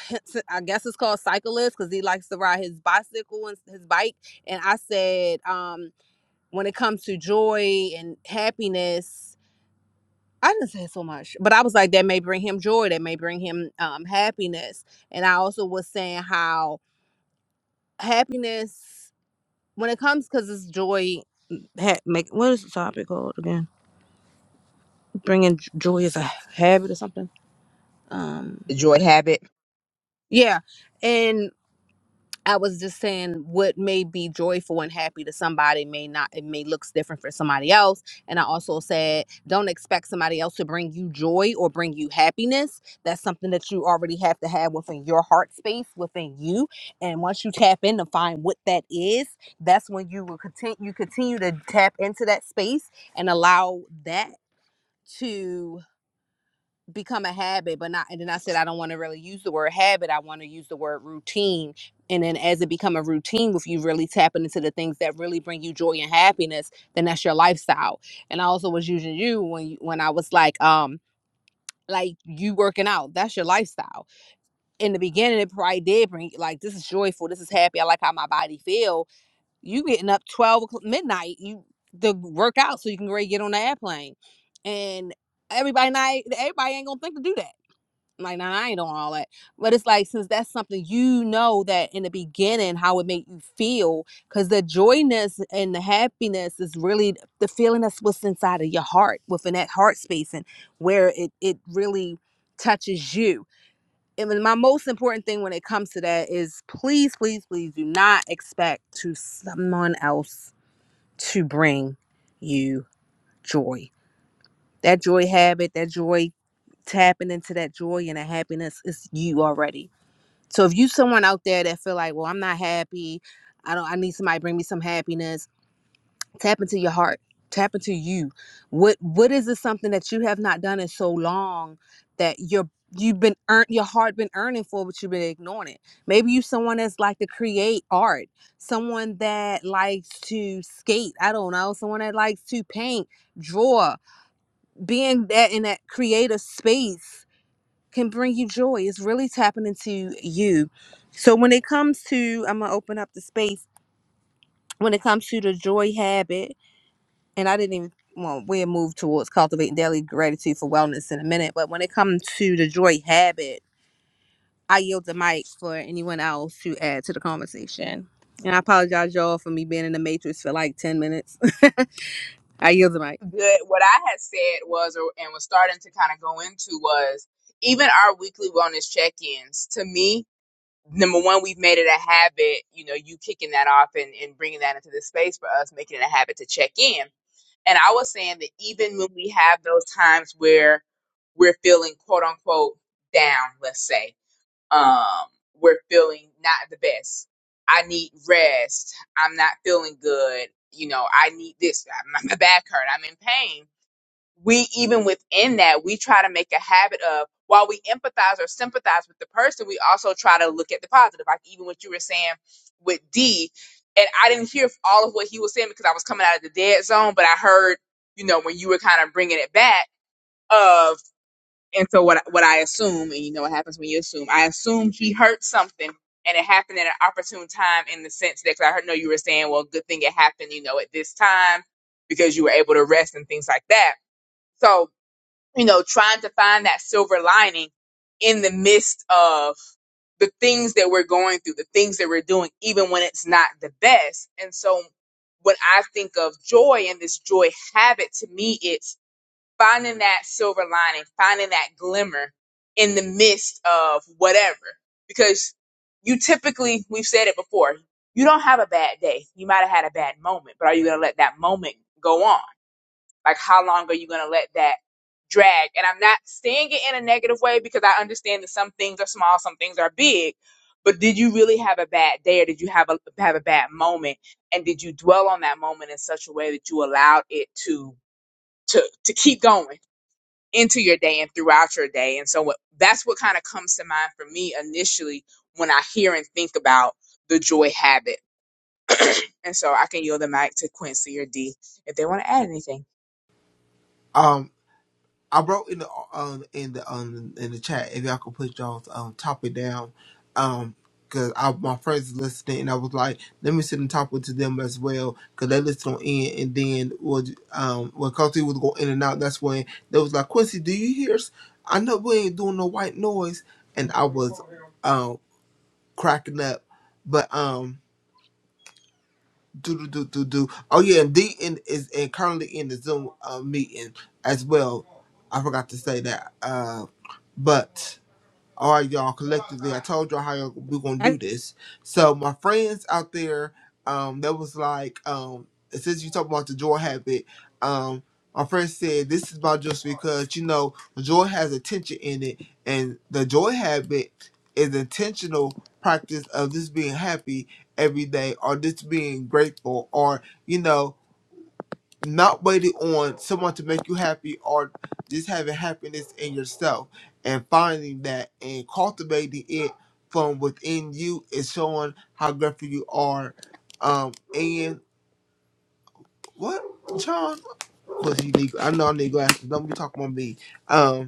[SPEAKER 1] I guess it's called cyclist because he likes to ride his bicycle and his bike. And I said, um, when it comes to joy and happiness, I didn't say so much, but I was like, that may bring him joy, that may bring him um, happiness. And I also was saying how happiness, when it comes, because it's joy, ha- make what is the topic called again? Bringing j- joy as a habit or something Um,
[SPEAKER 2] joy habit
[SPEAKER 1] yeah. And I was just saying what may be joyful and happy to somebody may not, it may looks different for somebody else. And I also said, don't expect somebody else to bring you joy or bring you happiness. That's something that you already have to have within your heart space, within you. And once you tap in to find what that is, that's when you will continue, you continue to tap into that space and allow that to become a habit, but not. And then I said I don't want to really use the word habit. I want to use the word routine. And then as it become a routine with you really tapping into the things that really bring you joy and happiness, then that's your lifestyle. And I also was using you when you, when I was like, um, like you working out, that's your lifestyle. In the beginning, it probably did bring like this is joyful, this is happy. I like how my body feel. You getting up twelve o'clock, midnight, you to work out so you can really get on the airplane. And everybody not everybody ain't gonna think to do that like nah, I ain't on all that. But it's like since that's something you know that in the beginning how it made you feel, because the joyness and the happiness is really the feeling that's what's inside of your heart, within that heart space, and where it it really touches you. And my most important thing when it comes to that is please, please, please do not expect to someone else to bring you joy that joy habit, that joy tapping into that joy and that happiness is you already. So if you someone out there that feel like, well, I'm not happy, I don't I need somebody to bring me some happiness, tap into your heart. Tap into you. What what is this something that you have not done in so long that you're you've been earned your heart been earning for but you've been ignoring it. Maybe you someone that's like to create art, someone that likes to skate, I don't know, someone that likes to paint, draw, being that in that creative space can bring you joy. It's really tapping into you. So when it comes to, I'm gonna open up the space. When it comes to the joy habit, and I didn't even well, we'll move towards cultivating daily gratitude for wellness in a minute. But when it comes to the joy habit, I yield the mic for anyone else to add to the conversation. And I apologize, y'all, for me being in the matrix for like ten minutes. I yield the mic.
[SPEAKER 2] good what I had said was or and was starting to kind of go into was even our weekly wellness check-ins to me number one we've made it a habit you know you kicking that off and, and bringing that into the space for us making it a habit to check in and I was saying that even when we have those times where we're feeling quote unquote down let's say um we're feeling not the best I need rest I'm not feeling good you know I need this my, my back hurt I'm in pain we even within that we try to make a habit of while we empathize or sympathize with the person we also try to look at the positive like even what you were saying with d and i didn't hear all of what he was saying because i was coming out of the dead zone but i heard you know when you were kind of bringing it back of and so what what i assume and you know what happens when you assume i assume he heard something and it happened at an opportune time in the sense that cause i heard no you were saying well good thing it happened you know at this time because you were able to rest and things like that so you know, trying to find that silver lining in the midst of the things that we're going through, the things that we're doing, even when it's not the best. And so when I think of joy and this joy habit, to me, it's finding that silver lining, finding that glimmer in the midst of whatever. Because you typically, we've said it before, you don't have a bad day. You might have had a bad moment, but are you going to let that moment go on? Like, how long are you going to let that drag? And I'm not saying it in a negative way because I understand that some things are small, some things are big. But did you really have a bad day or did you have a, have a bad moment? And did you dwell on that moment in such a way that you allowed it to, to, to keep going into your day and throughout your day? And so what, that's what kind of comes to mind for me initially when I hear and think about the joy habit. And so I can yield the mic to Quincy or D if they want to add anything.
[SPEAKER 3] Um, I wrote in the um in the um in the chat if y'all could put y'all's um topic down, um because I my friends listening and I was like let me send the topic to them as well because they listen on in and then was um when Cozy was going in and out that's when they was like Quincy do you hear? s- I know we ain't doing no white noise and I was um cracking up, but um do do do do do. Oh yeah, and D in, is and currently in the Zoom uh, meeting as well. I forgot to say that. Uh, but. All right, y'all, collectively, I told y'all how y'all- we're gonna
[SPEAKER 1] I,
[SPEAKER 3] do this. So my friends out there, um, that was like, um, since you talking about the joy habit, um, my friend said this is about just because you know joy has attention in it, and the joy habit is intentional practice of just being happy every day, or just being grateful, or you know not waiting on someone to make you happy or just having happiness in yourself and finding that and cultivating it from within you is showing how grateful you are. Um, and what, John? Cause you need, I know I need glasses. Don't be talking about me. Um,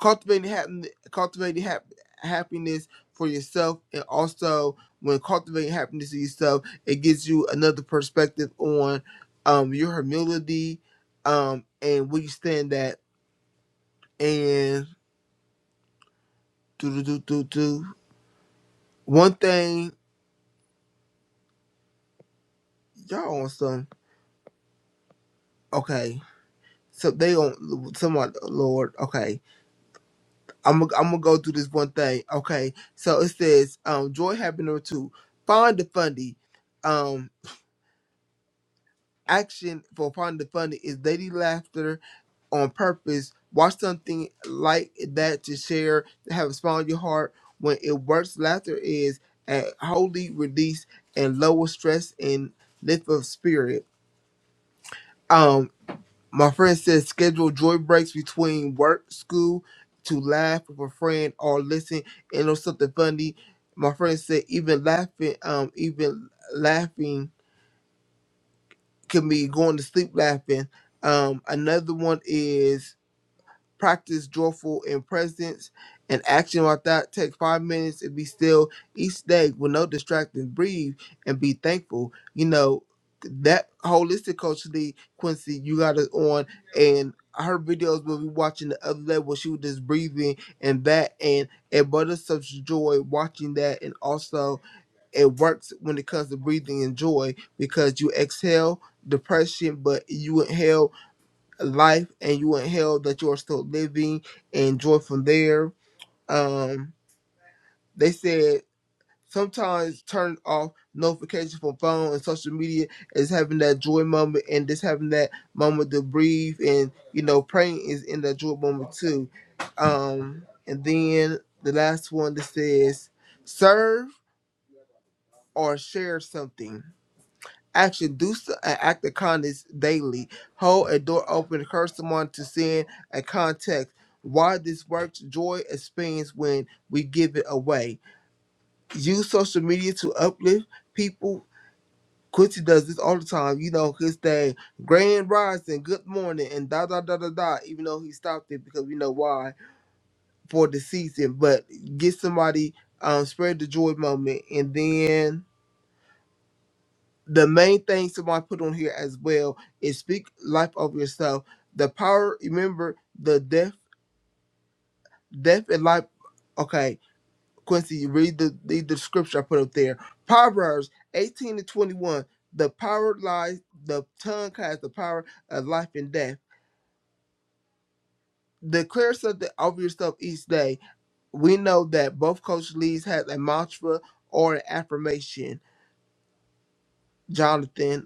[SPEAKER 3] cultivating happen, cultivating hap- happiness for yourself, and also when cultivating happiness for yourself, it gives you another perspective on um your humility, um and where you stand at. And do do do do do one thing, y'all on some okay. So they on somewhat Lord. Okay, I'm i I'm gonna go through this one thing. Okay, so it says um joy happiness too. Find the fundy. um. action for finding the funny is daily laughter on purpose. Watch something like that to share, to have a smile in your heart. When it works, laughter is a holy release and lower stress and lift of spirit. Um, my friend says schedule joy breaks between work, school, to laugh with a friend or listen and know something funny. My friend said even laughing, um, even laughing can be going to sleep laughing. Um, another one is practice joyful in presence and action like that. Take five minutes and be still each day with no distractions. Breathe and be thankful. You know that holistic coach Lee Quincy, you got us on and. Her videos we be watching the other day where she was just breathing and that and it brought us such joy watching that and also it works when it comes to breathing in joy because you exhale depression, but you inhale life and you inhale that you are still living and joy from there. Um, they said sometimes turn off notifications from phone and social media is having that joy moment and just having that moment to breathe and you know praying is in that joy moment too. Um, and then the last one that says serve or share something Action: Do so- an act of kindness daily. Hold a door open. Encourage someone to sin. A context. Why this works. Joy expands when we give it away. Use social media to uplift people. Quincy does this all the time. You know his thing. Grand rising. Good morning. And da da da da da. Even though he stopped it because we know why for the season. But get somebody. Um, spread the joy moment, and then the main thing somebody put on here as well is speak life over yourself. The power, remember the death, death and life. Okay, Quincy, you read the read the scripture I put up there. Proverbs eighteen to twenty one. The power lies. The tongue has the power of life and death. Declare something over yourself each day. We know that both Coach Lee's has a mantra or an affirmation. Jonathan,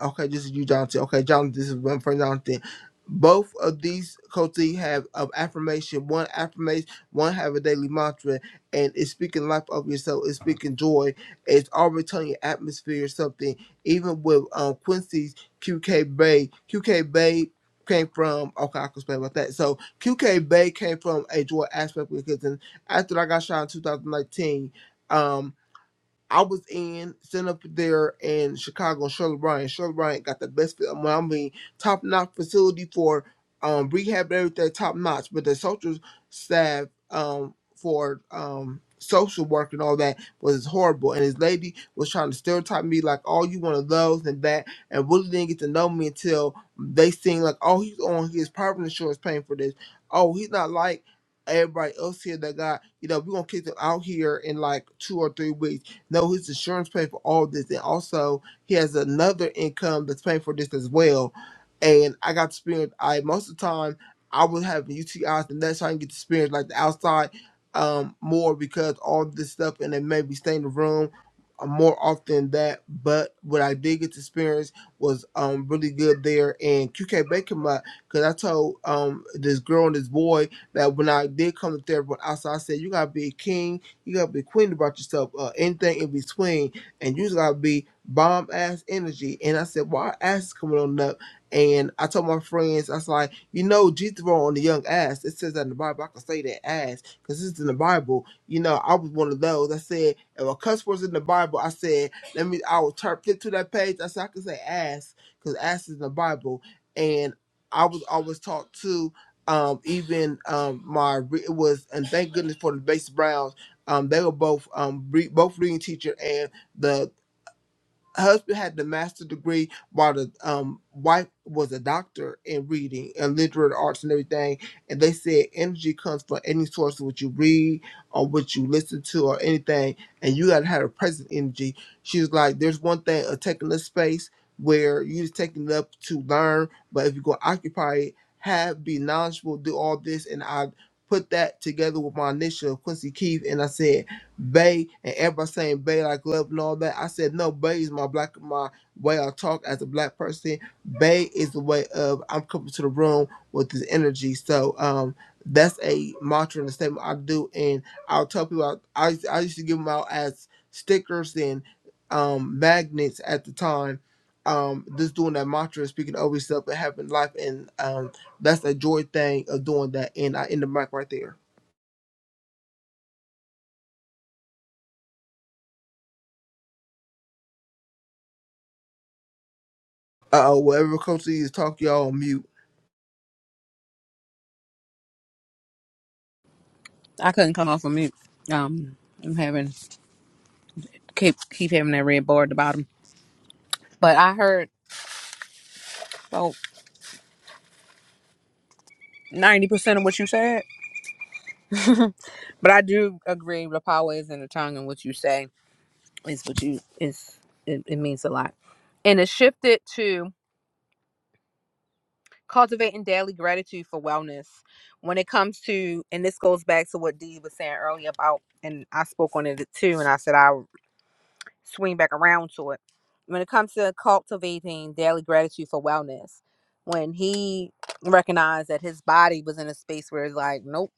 [SPEAKER 3] Okay, this is you, Jonathan. Okay, Jonathan, this is one for Jonathan. Both of these coaches have of affirmation. One affirmation, one have a daily mantra, and it's speaking life of yourself. It's speaking joy. It's already telling your atmosphere or something. Even with um, Quincy's QK Bay, QK Bay came from okay, I can explain about that. So QK Bay came from a joy aspect because then after I got shot in 2019. um. I was in sitting up there in Chicago, Charlotte Bryant. Charlotte Bryant got the best, I mean, top notch facility for um, rehab and everything, top notch. But the social staff um, for um, social work and all that was horrible. And this lady was trying to stereotype me like, oh, you one of those and that, and really didn't get to know me until they seen like, oh, he's on his private insurance paying for this. Oh, he's not like everybody else here that got, you know, we're gonna kick them out here in like two or three weeks no, his insurance paid for all this, and also he has another income that's paying for this as well. And I got to experience. I most of the time I was having UTIs, and that's how I can get to experience like the outside um more because all this stuff, and then maybe stay in the room uh, more often than that. But what I did get to experience was um really good there. And QK Baker, my because I told um this girl and this boy that when I did come to therapy outside, I said you gotta be a king you gotta be queen about yourself. Uh, anything in between, and you just gotta be bomb ass energy. And I said, well, our ass is coming on up. And I told my friends, I was like, you know, Jesus wrote on the young ass. It says that in the Bible. I can say that ass because it's in the Bible. You know, I was one of those. I said, if a cuss word's in the Bible, I said, let me. I would turn flip to that page. I said, I can say ass because ass is in the Bible. And I was always taught to um, even um, my it was and thank goodness for the base Browns um, they were both um re- both reading teacher, and the husband had the master's degree, while the um wife was a doctor in reading and literate arts and everything. And they said energy comes from any source of what you read or what you listen to or anything, and you gotta have a present energy. She was like, "There's one thing of taking this space." Where you just taking it up to learn, but if you're gonna occupy it, have be knowledgeable, do all this, and I put that together with my initial Quincy Keith, and I said. Bay and everybody saying Bay like love and all that. I said no, Bay is my black my way I talk as a black person. Bay is the way of I'm coming to the room with this energy. So um that's a mantra and a statement I do and I'll tell people I I, I used to give them out as stickers and um magnets at the time. Um just doing that mantra speaking over yourself and having life and um that's a joy thing of doing that and I end the mic right there. Uh oh, whatever coach is talk y'all on mute.
[SPEAKER 1] I couldn't come off of mute. Um, I'm having keep keep having that red bar at the bottom. But I heard about ninety percent of what you said. But I do agree the power is in the tongue and what you say is what you is it, it means a lot. And it shifted to cultivating daily gratitude for wellness. When it comes to and this goes back to what Dee was saying earlier about and I spoke on it too and I said I swing back around to it. When it comes to cultivating daily gratitude for wellness, when he recognized that his body was in a space where it's like, nope.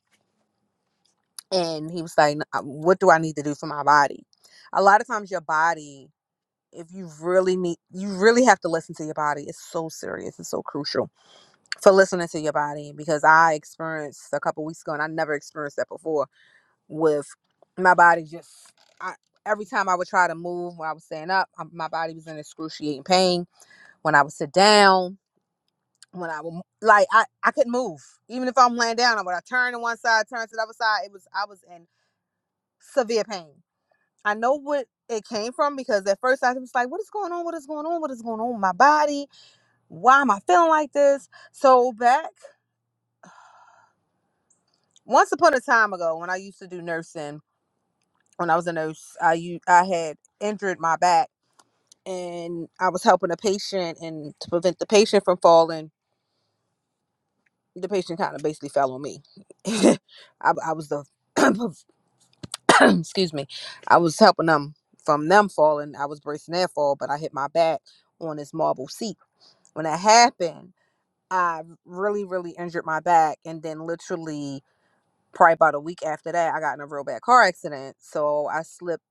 [SPEAKER 1] And he was like, uh, what do I need to do for my body? A lot of times, your body, if you really need, you really have to listen to your body. It's so serious, it's so crucial for listening to your body because I experienced a couple weeks ago and I never experienced that before with my body just I, every time I would try to move when I was standing up, I, my body was in excruciating pain. When I would sit down, when I would like I I couldn't move. Even if I'm laying down, I would. I turn to one side, turn to the other side, it was I was in severe pain. I know what it came from because at first I was like, "What is going on? What is going on? What is going on with my body? Why am I feeling like this?" So back once upon a time ago, when I used to do nursing, when I was a nurse, I u- I had injured my back and I was helping a patient and to prevent the patient from falling, the patient kind of basically fell on me. I, I was the excuse me, I was helping them from them falling. I was bracing their fall, but I hit my back on this marble seat. When that happened, I really, really injured my back, and then literally probably about a week after that, I got in a real bad car accident. So I slipped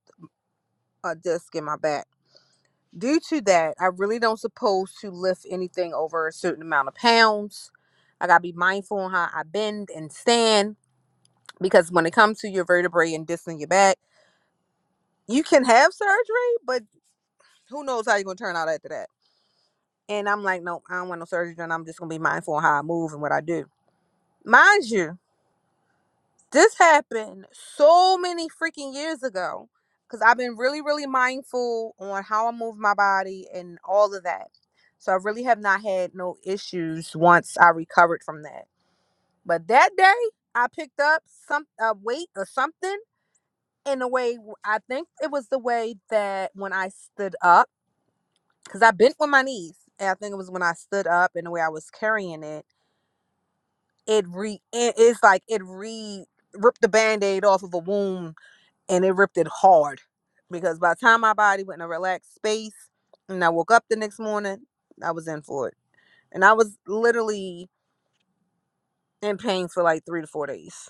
[SPEAKER 1] a disc in my back Due to that, I really don't suppose to lift anything over a certain amount of pounds. I gotta be mindful on how I bend and stand because when it comes to your vertebrae and disc in your back, you can have surgery, but who knows how you're gonna turn out after that. And I'm like, no, I don't want no surgery, and I'm just gonna be mindful on how I move and what I do. Mind you, This happened so many freaking years ago because I've been really, really mindful on how I move my body and all of that. So I really have not had no issues once I recovered from that. But that day, I picked up some a weight or something in a way. I think it was the way that when I stood up, because I bent with my knees, and I think it was when I stood up and the way I was carrying it. It re it is like it re ripped the band-aid off of a wound and it ripped it hard because by the time my body went in a relaxed space and I woke up the next morning, I was in for it. And I was literally in pain for like three to four days.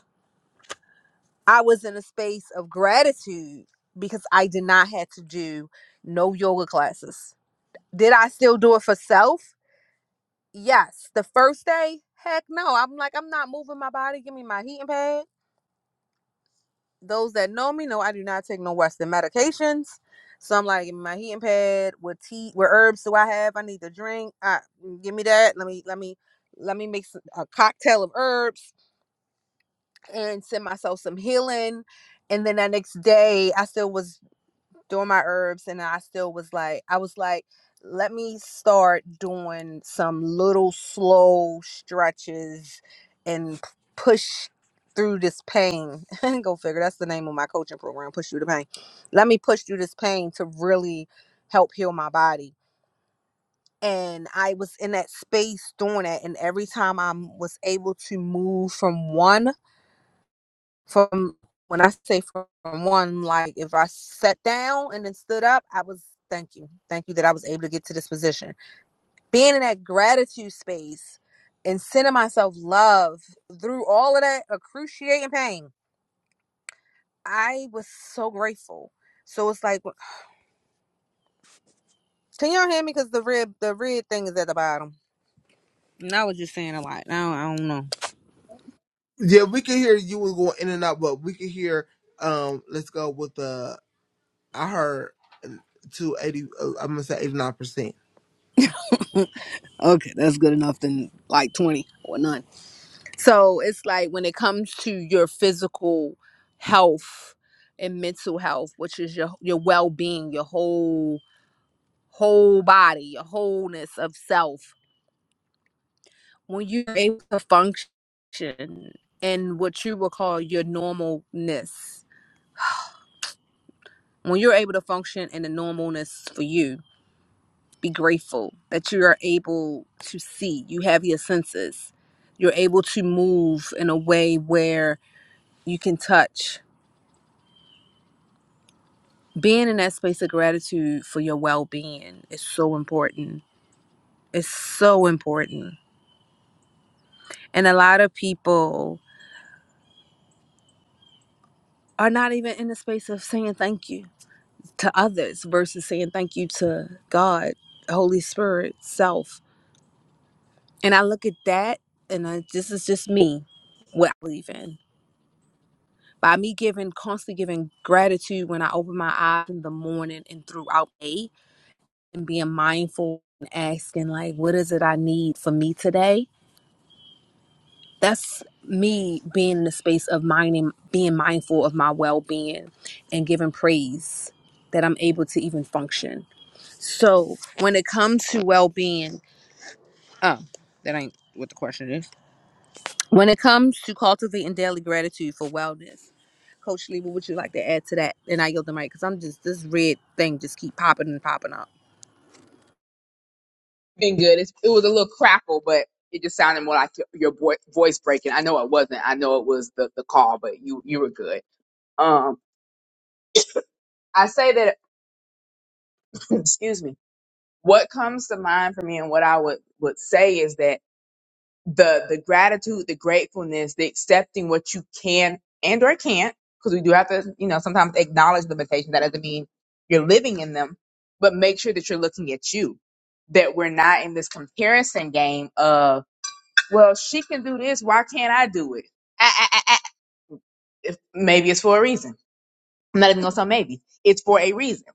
[SPEAKER 1] I was in a space of gratitude because I did not have to do no yoga classes. Did I still do it for self? Yes. The first day, heck no. I'm like, I'm not moving my body. Give me my heating pad. those that know me know I do not take no Western medications. So I'm like, give me my heating pad. What tea? What herbs do I have? I need to drink. Uh, give me that. Let me let me let me make some, a cocktail of herbs and send myself some healing. And then that next day, I still was doing my herbs and I still was like I was like let me start doing some little slow stretches and p- push through this pain. Go figure. That's the name of my coaching program, Push Through the Pain. Let me push through this pain to really help heal my body. And I was in that space doing that. And every time I was able to move from one from when I say from one, like if I sat down and then stood up, I was thank you, thank you that I was able to get to this position. Being in that gratitude space and sending myself love through all of that excruciating pain, I was so grateful. So it's like, can y'all hear me? Because the red, the red thing is at the bottom. And I was just saying a lot. Now I don't know.
[SPEAKER 3] Yeah, we could hear you was going in and out, but we could hear. Um, let's go with the. I heard two eighty. Uh, I'm gonna say eighty nine percent.
[SPEAKER 1] Okay, that's good enough. Then like twenty or none. So it's like when it comes to your physical health and mental health, which is your your well being, your whole whole body, your wholeness of self. When you're able to function in what you would call your normalness, when you're able to function in the normalness for you, be grateful that you are able to see. You have your senses. You're able to move in a way where you can touch being in that space of gratitude for your well-being is so important it's so important and a lot of people are not even in the space of saying thank you to others versus saying thank you to god holy spirit self and i look at that and I, this is just me what i believe in by me giving constantly giving gratitude when i open my eyes in the morning and throughout the day and being mindful and asking like what is it i need for me today that's me being in the space of minding, being mindful of my well being and giving praise that I'm able to even function. So when it comes to well being, oh, that ain't what the question is. When it comes to cultivating daily gratitude for wellness, Coach Lee, what would you like to add to that? And I yield the mic because I'm just this red thing just keep popping and popping up.
[SPEAKER 2] been good. It's, it was a little crackle, but it just sounded more like your, your boi- voice breaking. I know it wasn't. I know it was the, the call, but you you were good. Um, I say that. excuse me. What comes to mind for me, and what I would would say is that the the gratitude, the gratefulness, the accepting what you can and or can't, because we do have to, you know, sometimes acknowledge limitations. That doesn't mean you're living in them, but make sure that you're looking at you. That we're not in this comparison game of well, she can do this. Why can't I do it? Ah, ah, ah, ah. Maybe it's for a reason. I'm not even going to say maybe. It's for a reason.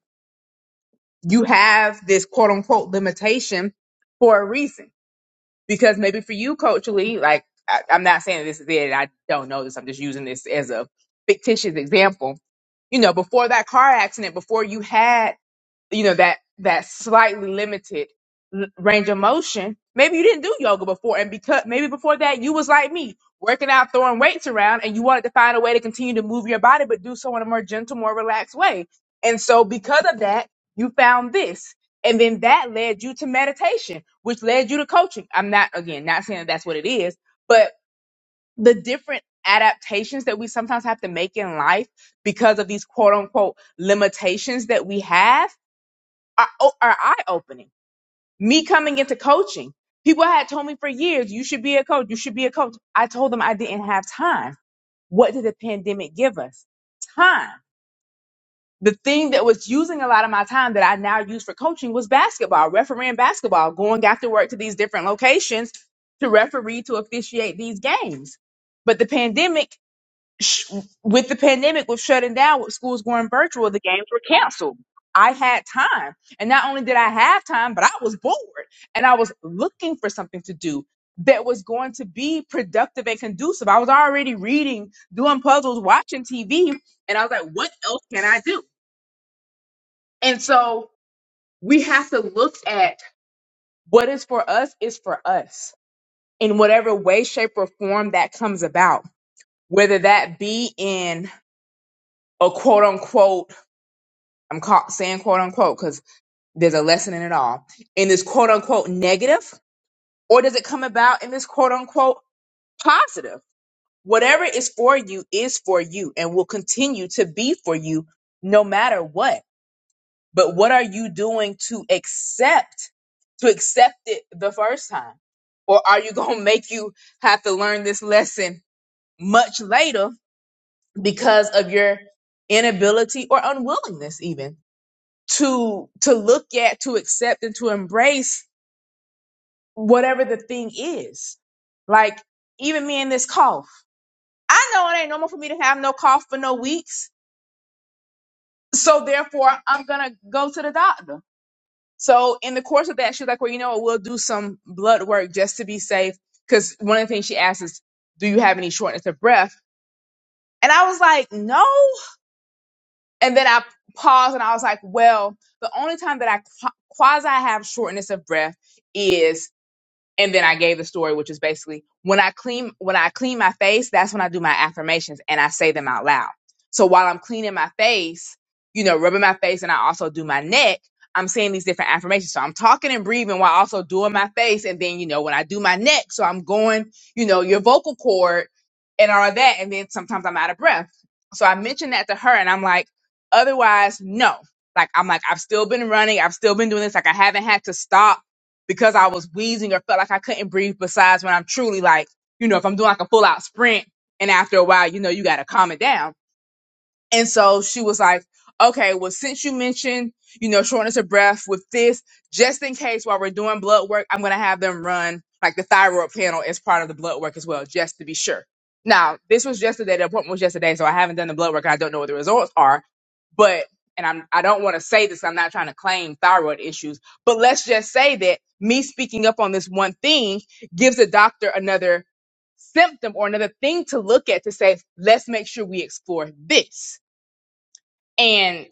[SPEAKER 2] You have this quote unquote limitation for a reason. Because maybe for you, culturally, like, I, I'm not saying this is it. I don't know this. I'm just using this as a fictitious example. You know, before that car accident, before you had you know that that slightly limited l- range of motion maybe you didn't do yoga before and because maybe before that you was like me working out throwing weights around and you wanted to find a way to continue to move your body but do so in a more gentle more relaxed way and so because of that you found this and then that led you to meditation which led you to coaching i'm not again not saying that that's what it is but the different adaptations that we sometimes have to make in life because of these quote unquote limitations that we have are, o- are eye opening. Me coming into coaching, people had told me for years, you should be a coach, you should be a coach. I told them I didn't have time. What did the pandemic give us? Time. The thing that was using a lot of my time that I now use for coaching was basketball, refereeing basketball, going after work to these different locations to referee, to officiate these games. But the pandemic sh- with the pandemic, with shutting down, with schools going virtual, the games were canceled. I had time. And not only did I have time, but I was bored and I was looking for something to do that was going to be productive and conducive. I was already reading, doing puzzles, watching TV, and I was like, what else can I do? And so we have to look at what is for us is for us in whatever way, shape, or form that comes about, whether that be in a quote unquote I'm caught saying quote unquote because there's a lesson in it all. In this quote unquote negative, or does it come about in this quote unquote positive? Whatever is for you is for you and will continue to be for you no matter what. But what are you doing to accept, to accept it the first time? Or are you going to make you have to learn this lesson much later because of your inability or unwillingness even to to look at to accept and to embrace whatever the thing is like even me and this cough i know it ain't normal for me to have no cough for no weeks so therefore i'm gonna go to the doctor so in the course of that she's like well you know what we'll do some blood work just to be safe because one of the things she asked is do you have any shortness of breath and i was like no and then i paused and i was like well the only time that i quasi have shortness of breath is and then I gave the story, which is basically when I clean when I clean my face, that's when I do my affirmations and I say them out loud. So while I'm cleaning my face, you know, rubbing my face, and I also do my neck, I'm saying these different affirmations. So I'm talking and breathing while also doing my face, and then you know when I do my neck, so I'm going, you know, your vocal cord and all that, and then sometimes I'm out of breath. So I mentioned that to her, and I'm like, otherwise, no. Like I'm like I've still been running, I've still been doing this. Like I haven't had to stop because I was wheezing or felt like I couldn't breathe. Besides, when I'm truly like, you know, if I'm doing like a full out sprint, and after a while, you know, you got to calm it down. And so she was like, okay, well, since you mentioned, you know, shortness of breath with this, just in case while we're doing blood work, I'm going to have them run like the thyroid panel as part of the blood work as well, just to be sure. Now, this was yesterday. The appointment was yesterday, so I haven't done the blood work. I don't know what the results are but and I'm I don't want to say this, I'm not trying to claim thyroid issues, but let's just say that me speaking up on this one thing gives a doctor another symptom or another thing to look at to say, let's make sure we explore this. And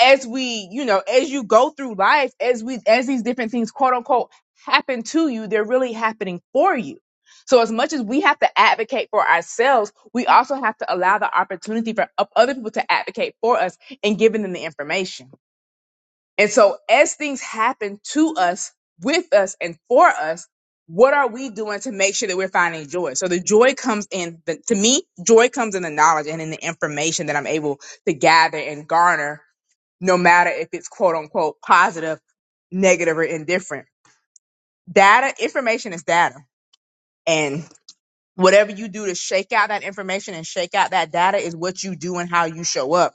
[SPEAKER 2] as we, you know, as you go through life, as we as these different things quote unquote happen to you, they're really happening for you. So as much as we have to advocate for ourselves, we also have to allow the opportunity for o- other people to advocate for us and giving them the information. And so, as things happen to us, with us, and for us, what are we doing to make sure that we're finding joy? So, the joy comes in, the, to me, joy comes in the knowledge and in the information that I'm able to gather and garner, no matter if it's quote unquote positive, negative, or indifferent. Data, information is data. And Whatever you do to shake out that information and shake out that data is what you do and how you show up.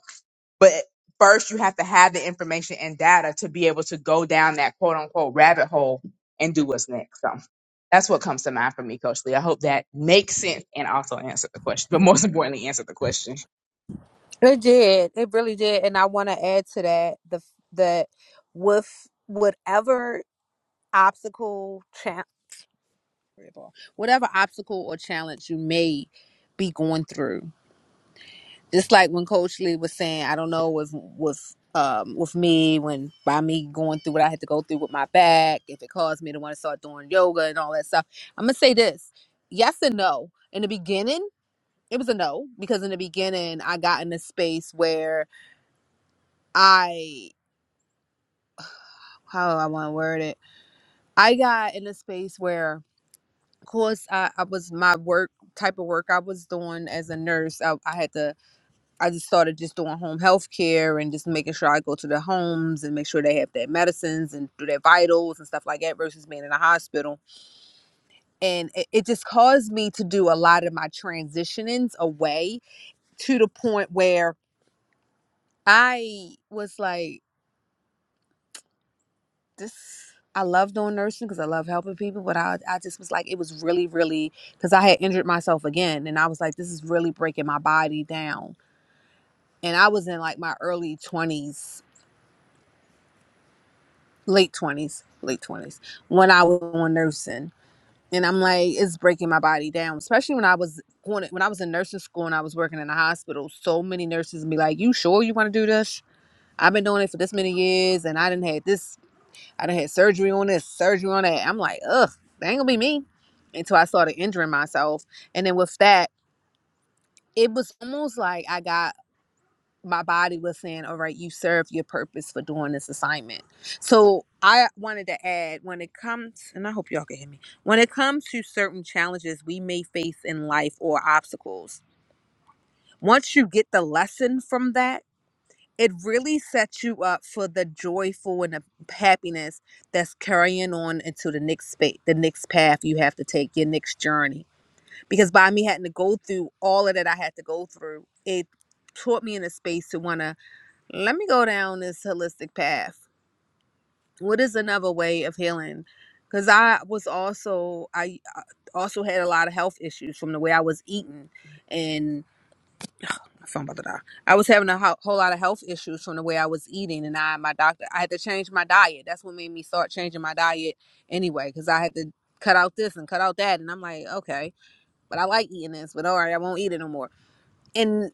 [SPEAKER 2] But first, you have to have the information and data to be able to go down that quote unquote rabbit hole and do what's next. So that's what comes to mind for me, Coach Lee. I hope that makes sense and also answered the question, but most importantly, answered the question.
[SPEAKER 1] It did. It really did. And I want to add to that the that with whatever obstacle Whatever obstacle or challenge you may be going through. Just like when Coach Lee was saying, I don't know if with um with me when by me going through what I had to go through with my back, if it caused me to want to start doing yoga and all that stuff. I'm gonna say this. Yes and no. In the beginning, it was a no because in the beginning I got in a space where I how do I want to word it. I got in a space where of course I, I was my work type of work I was doing as a nurse. I, I had to I just started just doing home health care and just making sure I go to their homes and make sure they have their medicines and do their vitals and stuff like that versus being in a hospital. And it, it just caused me to do a lot of my transitionings away to the point where I was like, this. I love doing nursing because I love helping people, but I, I just was like, it was really, really, because I had injured myself again. And I was like, this is really breaking my body down. And I was in like my early 20s late twenties, late twenties, when I was on nursing, and I'm like, it's breaking my body down. Especially when I was going, when I was in nursing school and I was working in a hospital. So many nurses be like, "You sure you want to do this? I've been doing it for this many years, and I didn't had this, I didn't had surgery on this, surgery on that." I'm like, ugh, that ain't gonna be me. Until I started injuring myself, and then with that, it was almost like I got my body was saying, all right, you served your purpose for doing this assignment. So I wanted to add when it comes, and I hope y'all can hear me, when it comes to certain challenges we may face in life or obstacles, once you get the lesson from that, it really sets you up for the joyful and the happiness that's carrying on into the next space, the next path you have to take, your next journey. Because by me having to go through all of that I had to go through, it taught me in a space to want to let me go down this holistic path what is another way of healing because i was also i uh, also had a lot of health issues from the way i was eating and my phone about to die. i was having a ho- whole lot of health issues from the way i was eating and i my doctor i had to change my diet that's what made me start changing my diet anyway because i had to cut out this and cut out that and i'm like okay but i like eating this but all right i won't eat it no more and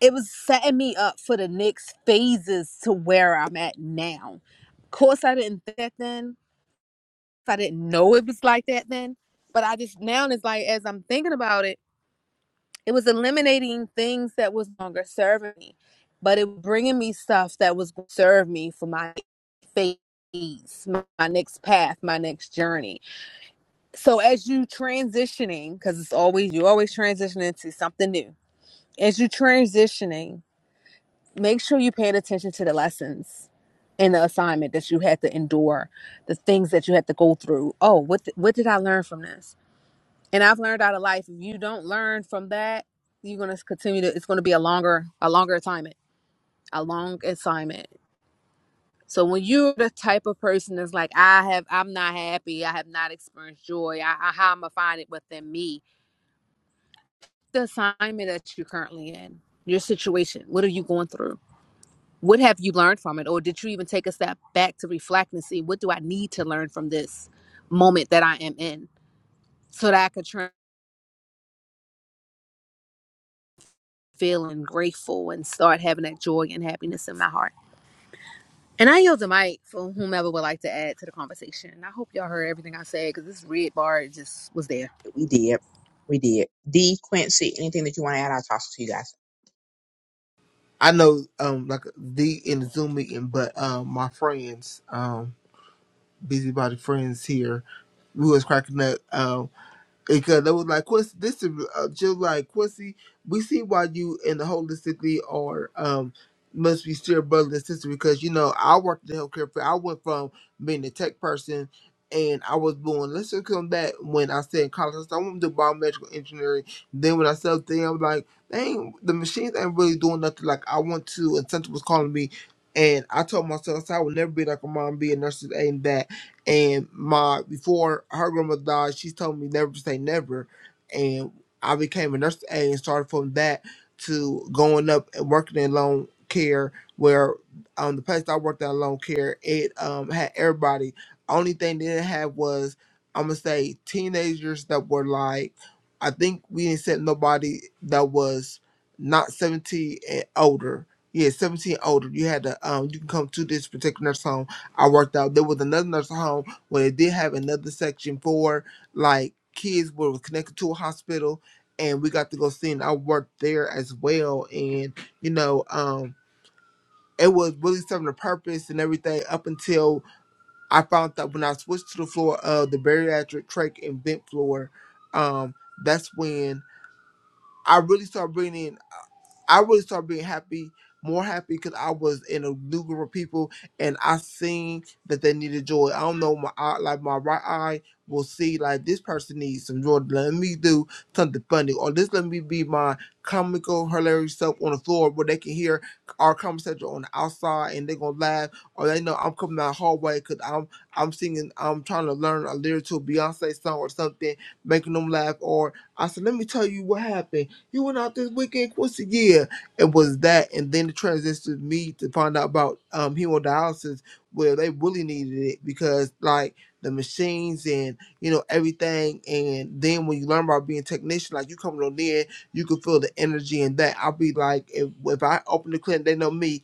[SPEAKER 1] it was setting me up for the next phases to where I'm at now. Of course, I didn't think that then. I didn't know it was like that then. But I just now it's like as I'm thinking about it, it was eliminating things that was no longer serving me, but it was bringing me stuff that was going to serve me for my phase, my, my next path, my next journey. So as you transitioning, because it's always you always transitioning to something new. As you transitioning, make sure you paid attention to the lessons in the assignment that you had to endure, the things that you had to go through. Oh, what th- what did I learn from this? And I've learned out of life. If you don't learn from that, you're gonna continue to. It's gonna be a longer a longer assignment, a long assignment. So when you're the type of person that's like, I have, I'm not happy. I have not experienced joy. I, I how am I find it within me? The assignment that you're currently in, your situation. What are you going through? What have you learned from it? Or did you even take a step back to reflect and see what do I need to learn from this moment that I am in so that I could turn feeling grateful and start having that joy and happiness in my heart? And I yield the mic for whomever would like to add to the conversation. And I hope y'all heard everything I said because this red bar just was there.
[SPEAKER 2] We did. We did. D Quincy, anything that you want to add, I'll toss it to you guys.
[SPEAKER 3] I know, um, like the in the Zoom meeting, but um, my friends, um, busybody friends here, we was cracking up. um, Because they was like, Quincy, this is uh, just like Quincy. We see why you and the holistically are um must be still brother and sister because you know I worked in healthcare. field. I went from being a tech person. And I was born. Let's just come back when I said in college. I said, I want to do biomedical engineering. Then when I said up there, I'm like, dang, the machines ain't really doing nothing. Like I want to. And Santa was calling me, and I told myself I said, I would never be like a mom, be a nurse, and that. And my before her grandma died, she told me never to say never. And I became a nurse aide and started from that to going up and working in long care where um the place I worked at long care, it um had everybody. Only thing they didn't have was I'm gonna say teenagers that were like I think we didn't set nobody that was not 17 and older. Yeah, 17 and older. You had to um you can come to this particular nurse home I worked out. There was another nursing home where they did have another section for like kids were connected to a hospital, and we got to go see. And I worked there as well, and you know, um, it was really serving a purpose and everything up until I found out when I switched to the floor of the bariatric trach and vent floor, um, that's when I really started bringing. in I really started being happy, more happy because I was in a new group of people and I seen that they needed joy. I don't know my eye, like my right eye will see like this person needs some joy. Let me do something funny or this let me be my comical hilarious self on the floor where they can hear our conversation on the outside and they're gonna laugh or they know I'm coming out the hallway because I'm I'm singing I'm trying to learn a lyric to a Beyonce song or something making them laugh or I said let me tell you what happened you went out this weekend. What's the year? It was that, and then it transitioned me to find out about um hemodialysis, where they really needed it because like the machines and you know everything. And then when you learn about being a technician, like you coming on in, you can feel the energy and that. I'll be like, if, if I open the clinic, they know me.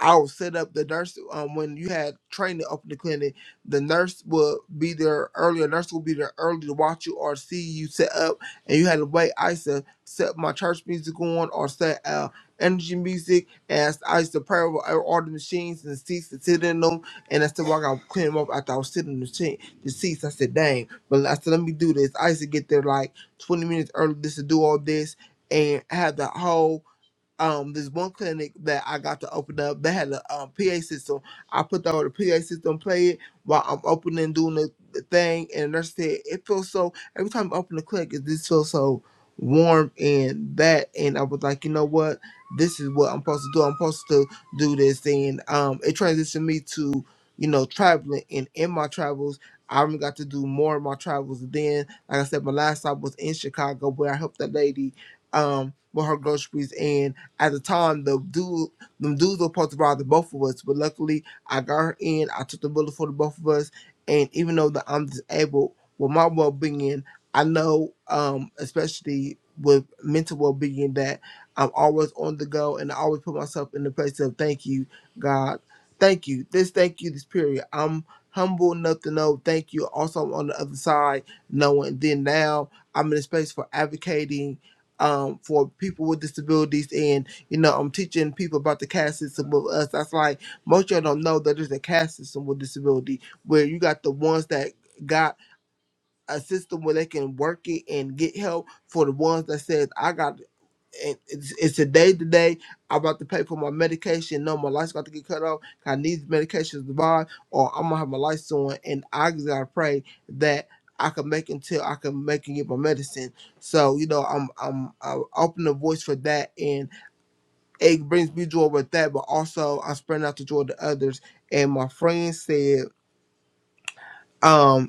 [SPEAKER 3] I would set up the nurse um, when you had training up in the clinic. The nurse would be there early. A nurse would be there early to watch you or see you set up, and you had to wait. I used to set my church music on or set uh, energy music, and I used to pray over all the machines and the seats and sit in them. And I said, still I got clean them up after I was sitting in the, machine, the seats. I said, "Dang!" But I said, "Let me do this." I used to get there like twenty minutes early just to do all this and have the whole um this one clinic that I got to open up. They had a um, PA system. I put the the PA system play it while I'm opening doing the, the thing, and the nurse said it feels so. Every time I open the clinic, it just feels so warm and that. And I was like, you know what? This is what I'm supposed to do. I'm supposed to do this, and um, it transitioned me to you know traveling. And in my travels, I even got to do more of my travels. Then, like I said, my last stop was in Chicago, where I helped that lady um with her groceries, at the time, the dude, them dudes were supposed to rob the both of us, but luckily I got her in. I took the bullet for the both of us, and even though that I'm disabled, with my well being, I know, um, especially with mental well being, that I'm always on the go, and I always put myself in the place of thank you, God, thank you, this thank you, this period. I'm humble enough to know thank you. Also, I'm on the other side, knowing. Then now I'm in a space for advocating um, for people with disabilities. and. You know, I'm teaching people about the caste system with us. That's like most of y'all don't know that there's a caste system with disability where you got the ones that got a system where they can work it and get help for the ones that says I got and it's, it's a day to day. I'm about to pay for my medication. No, my life's about to get cut off. I need medications to buy, or I'm gonna have my lights on. And I just gotta pray that I can make until I can make and get my medicine. So you know, I'm I'm, I'm open the voice for that and it brings me joy with that, but also I'm spreading out the joy to others. And my friend said, um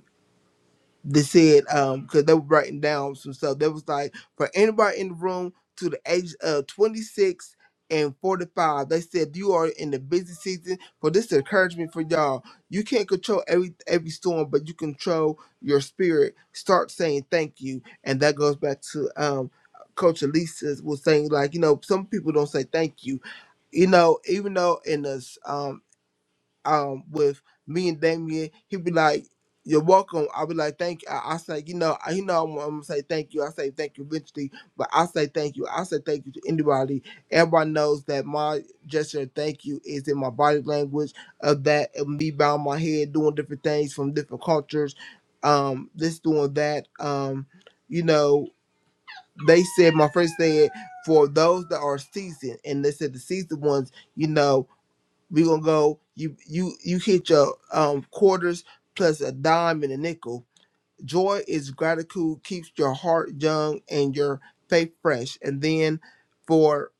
[SPEAKER 3] they said um because they were writing down some stuff They was like for anybody in the room to the age of 26 and 45 they said you are in the busy season For this encouragement for y'all you can't control every every storm but you control your spirit start saying thank you and that goes back to um coach elisa was saying like you know some people don't say thank you you know even though in this um with me and Damien, he'd be like, "You're welcome." I be like, "Thank you." I, I say, "You know, I, you know, I'm, gonna say thank you." I say thank you eventually, but I say thank you. I say thank you to anybody. Everyone knows that my gesture of thank you is in my body language of that of me bowing my head, doing different things from different cultures, um, this doing that. Um, you know, they said my first said for those that are seasoned, and they said the seasoned ones. You know we gonna go. You you you hit your um quarters plus a dime and a nickel. Joy is gratitude keeps your heart young and your faith fresh. And then for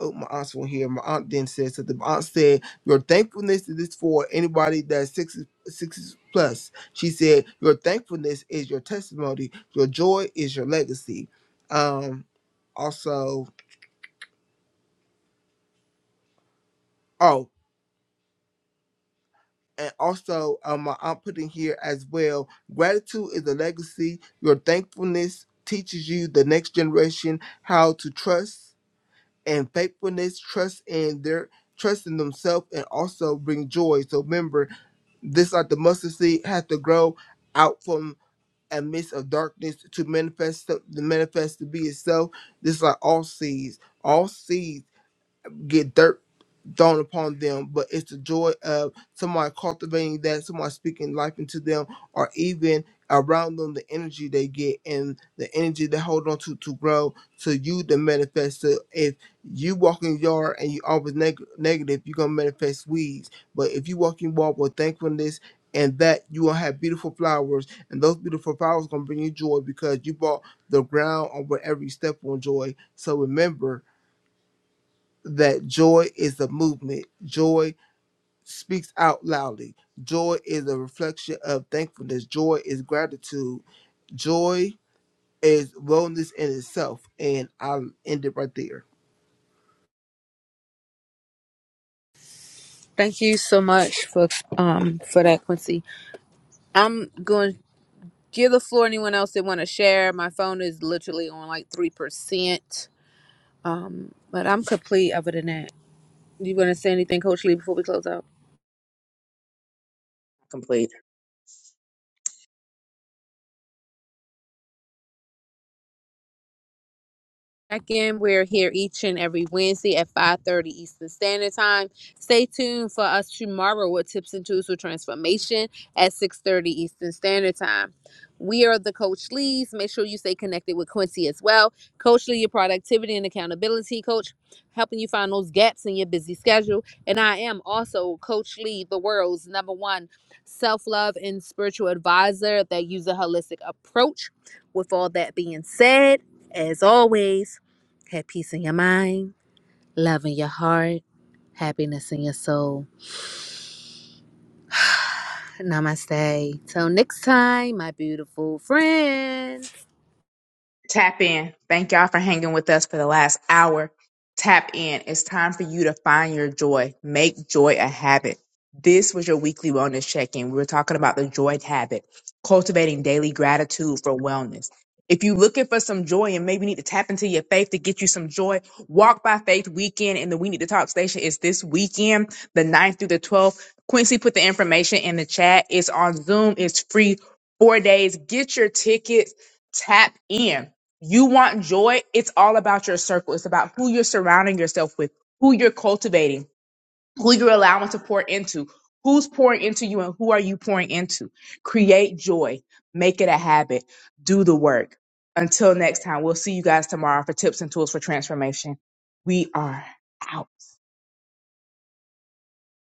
[SPEAKER 3] oh my aunt's one here. My aunt then said so the aunt said your thankfulness is for anybody that's six six plus. She said your thankfulness is your testimony. Your joy is your legacy. Um also. oh. and also um, my aunt put here as well. Gratitude is a legacy. Your thankfulness teaches you the next generation how to trust and faithfulness, trust in their trust in themselves, and also bring joy. So remember, this like the mustard seed has to grow out from a midst of darkness to manifest to manifest to be itself. This like all seeds. All seeds get dirt dawn upon them, but it's the joy of somebody cultivating that, somebody speaking life into them, or even around them the energy they get and the energy they hold on to to grow to you to manifest. So if you walk in your yard and you always neg- negative, you're gonna manifest weeds. But if you walk in your yard with thankfulness and that you will have beautiful flowers and those beautiful flowers gonna bring you joy because you bought the ground on where every step on joy. So remember that joy is a movement. Joy speaks out loudly. Joy is a reflection of thankfulness. Joy is gratitude. Joy is wellness in itself. And I'll end it right there.
[SPEAKER 1] Thank you so much for um for that, Quincy. I'm going to give the floor to anyone else that want to share. My phone is literally on like three percent. Um, but I'm complete other than that. You want to say anything, Coach Lee, before we close out?
[SPEAKER 2] Complete.
[SPEAKER 1] check in. We're here each and every Wednesday at 5:30 Eastern Standard Time. Stay tuned for us tomorrow with tips and tools for transformation at 6:30 Eastern Standard Time. We are the Coach Lee's. Make sure you stay connected with Quincy as well. Coach Lee, your productivity and accountability coach, helping you find those gaps in your busy schedule. And I am also Coach Lee, the world's number one self-love and spiritual advisor that uses a holistic approach. With all that being said, as always, have peace in your mind, love in your heart, happiness in your soul. Namaste. Till next time, my beautiful friend.
[SPEAKER 2] Tap in. Thank y'all for hanging with us for the last hour. Tap in. It's time for you to find your joy. Make joy a habit. This was your weekly wellness check in. We were talking about the joy habit, cultivating daily gratitude for wellness. If you're looking for some joy and maybe need to tap into your faith to get you some joy, Walk by Faith weekend and the We Need to Talk station is this weekend, the ninth through the 12th. Quincy put the information in the chat. It's on Zoom, it's free, four days. Get your tickets, tap in you want joy, it's all about your circle. It's about who you're surrounding yourself with, who you're cultivating, who you're allowing to pour into, who's pouring into you, and who are you pouring into. Create joy, make it a habit, do the work. Until next time, we'll see you guys tomorrow for tips and tools for transformation. We are out.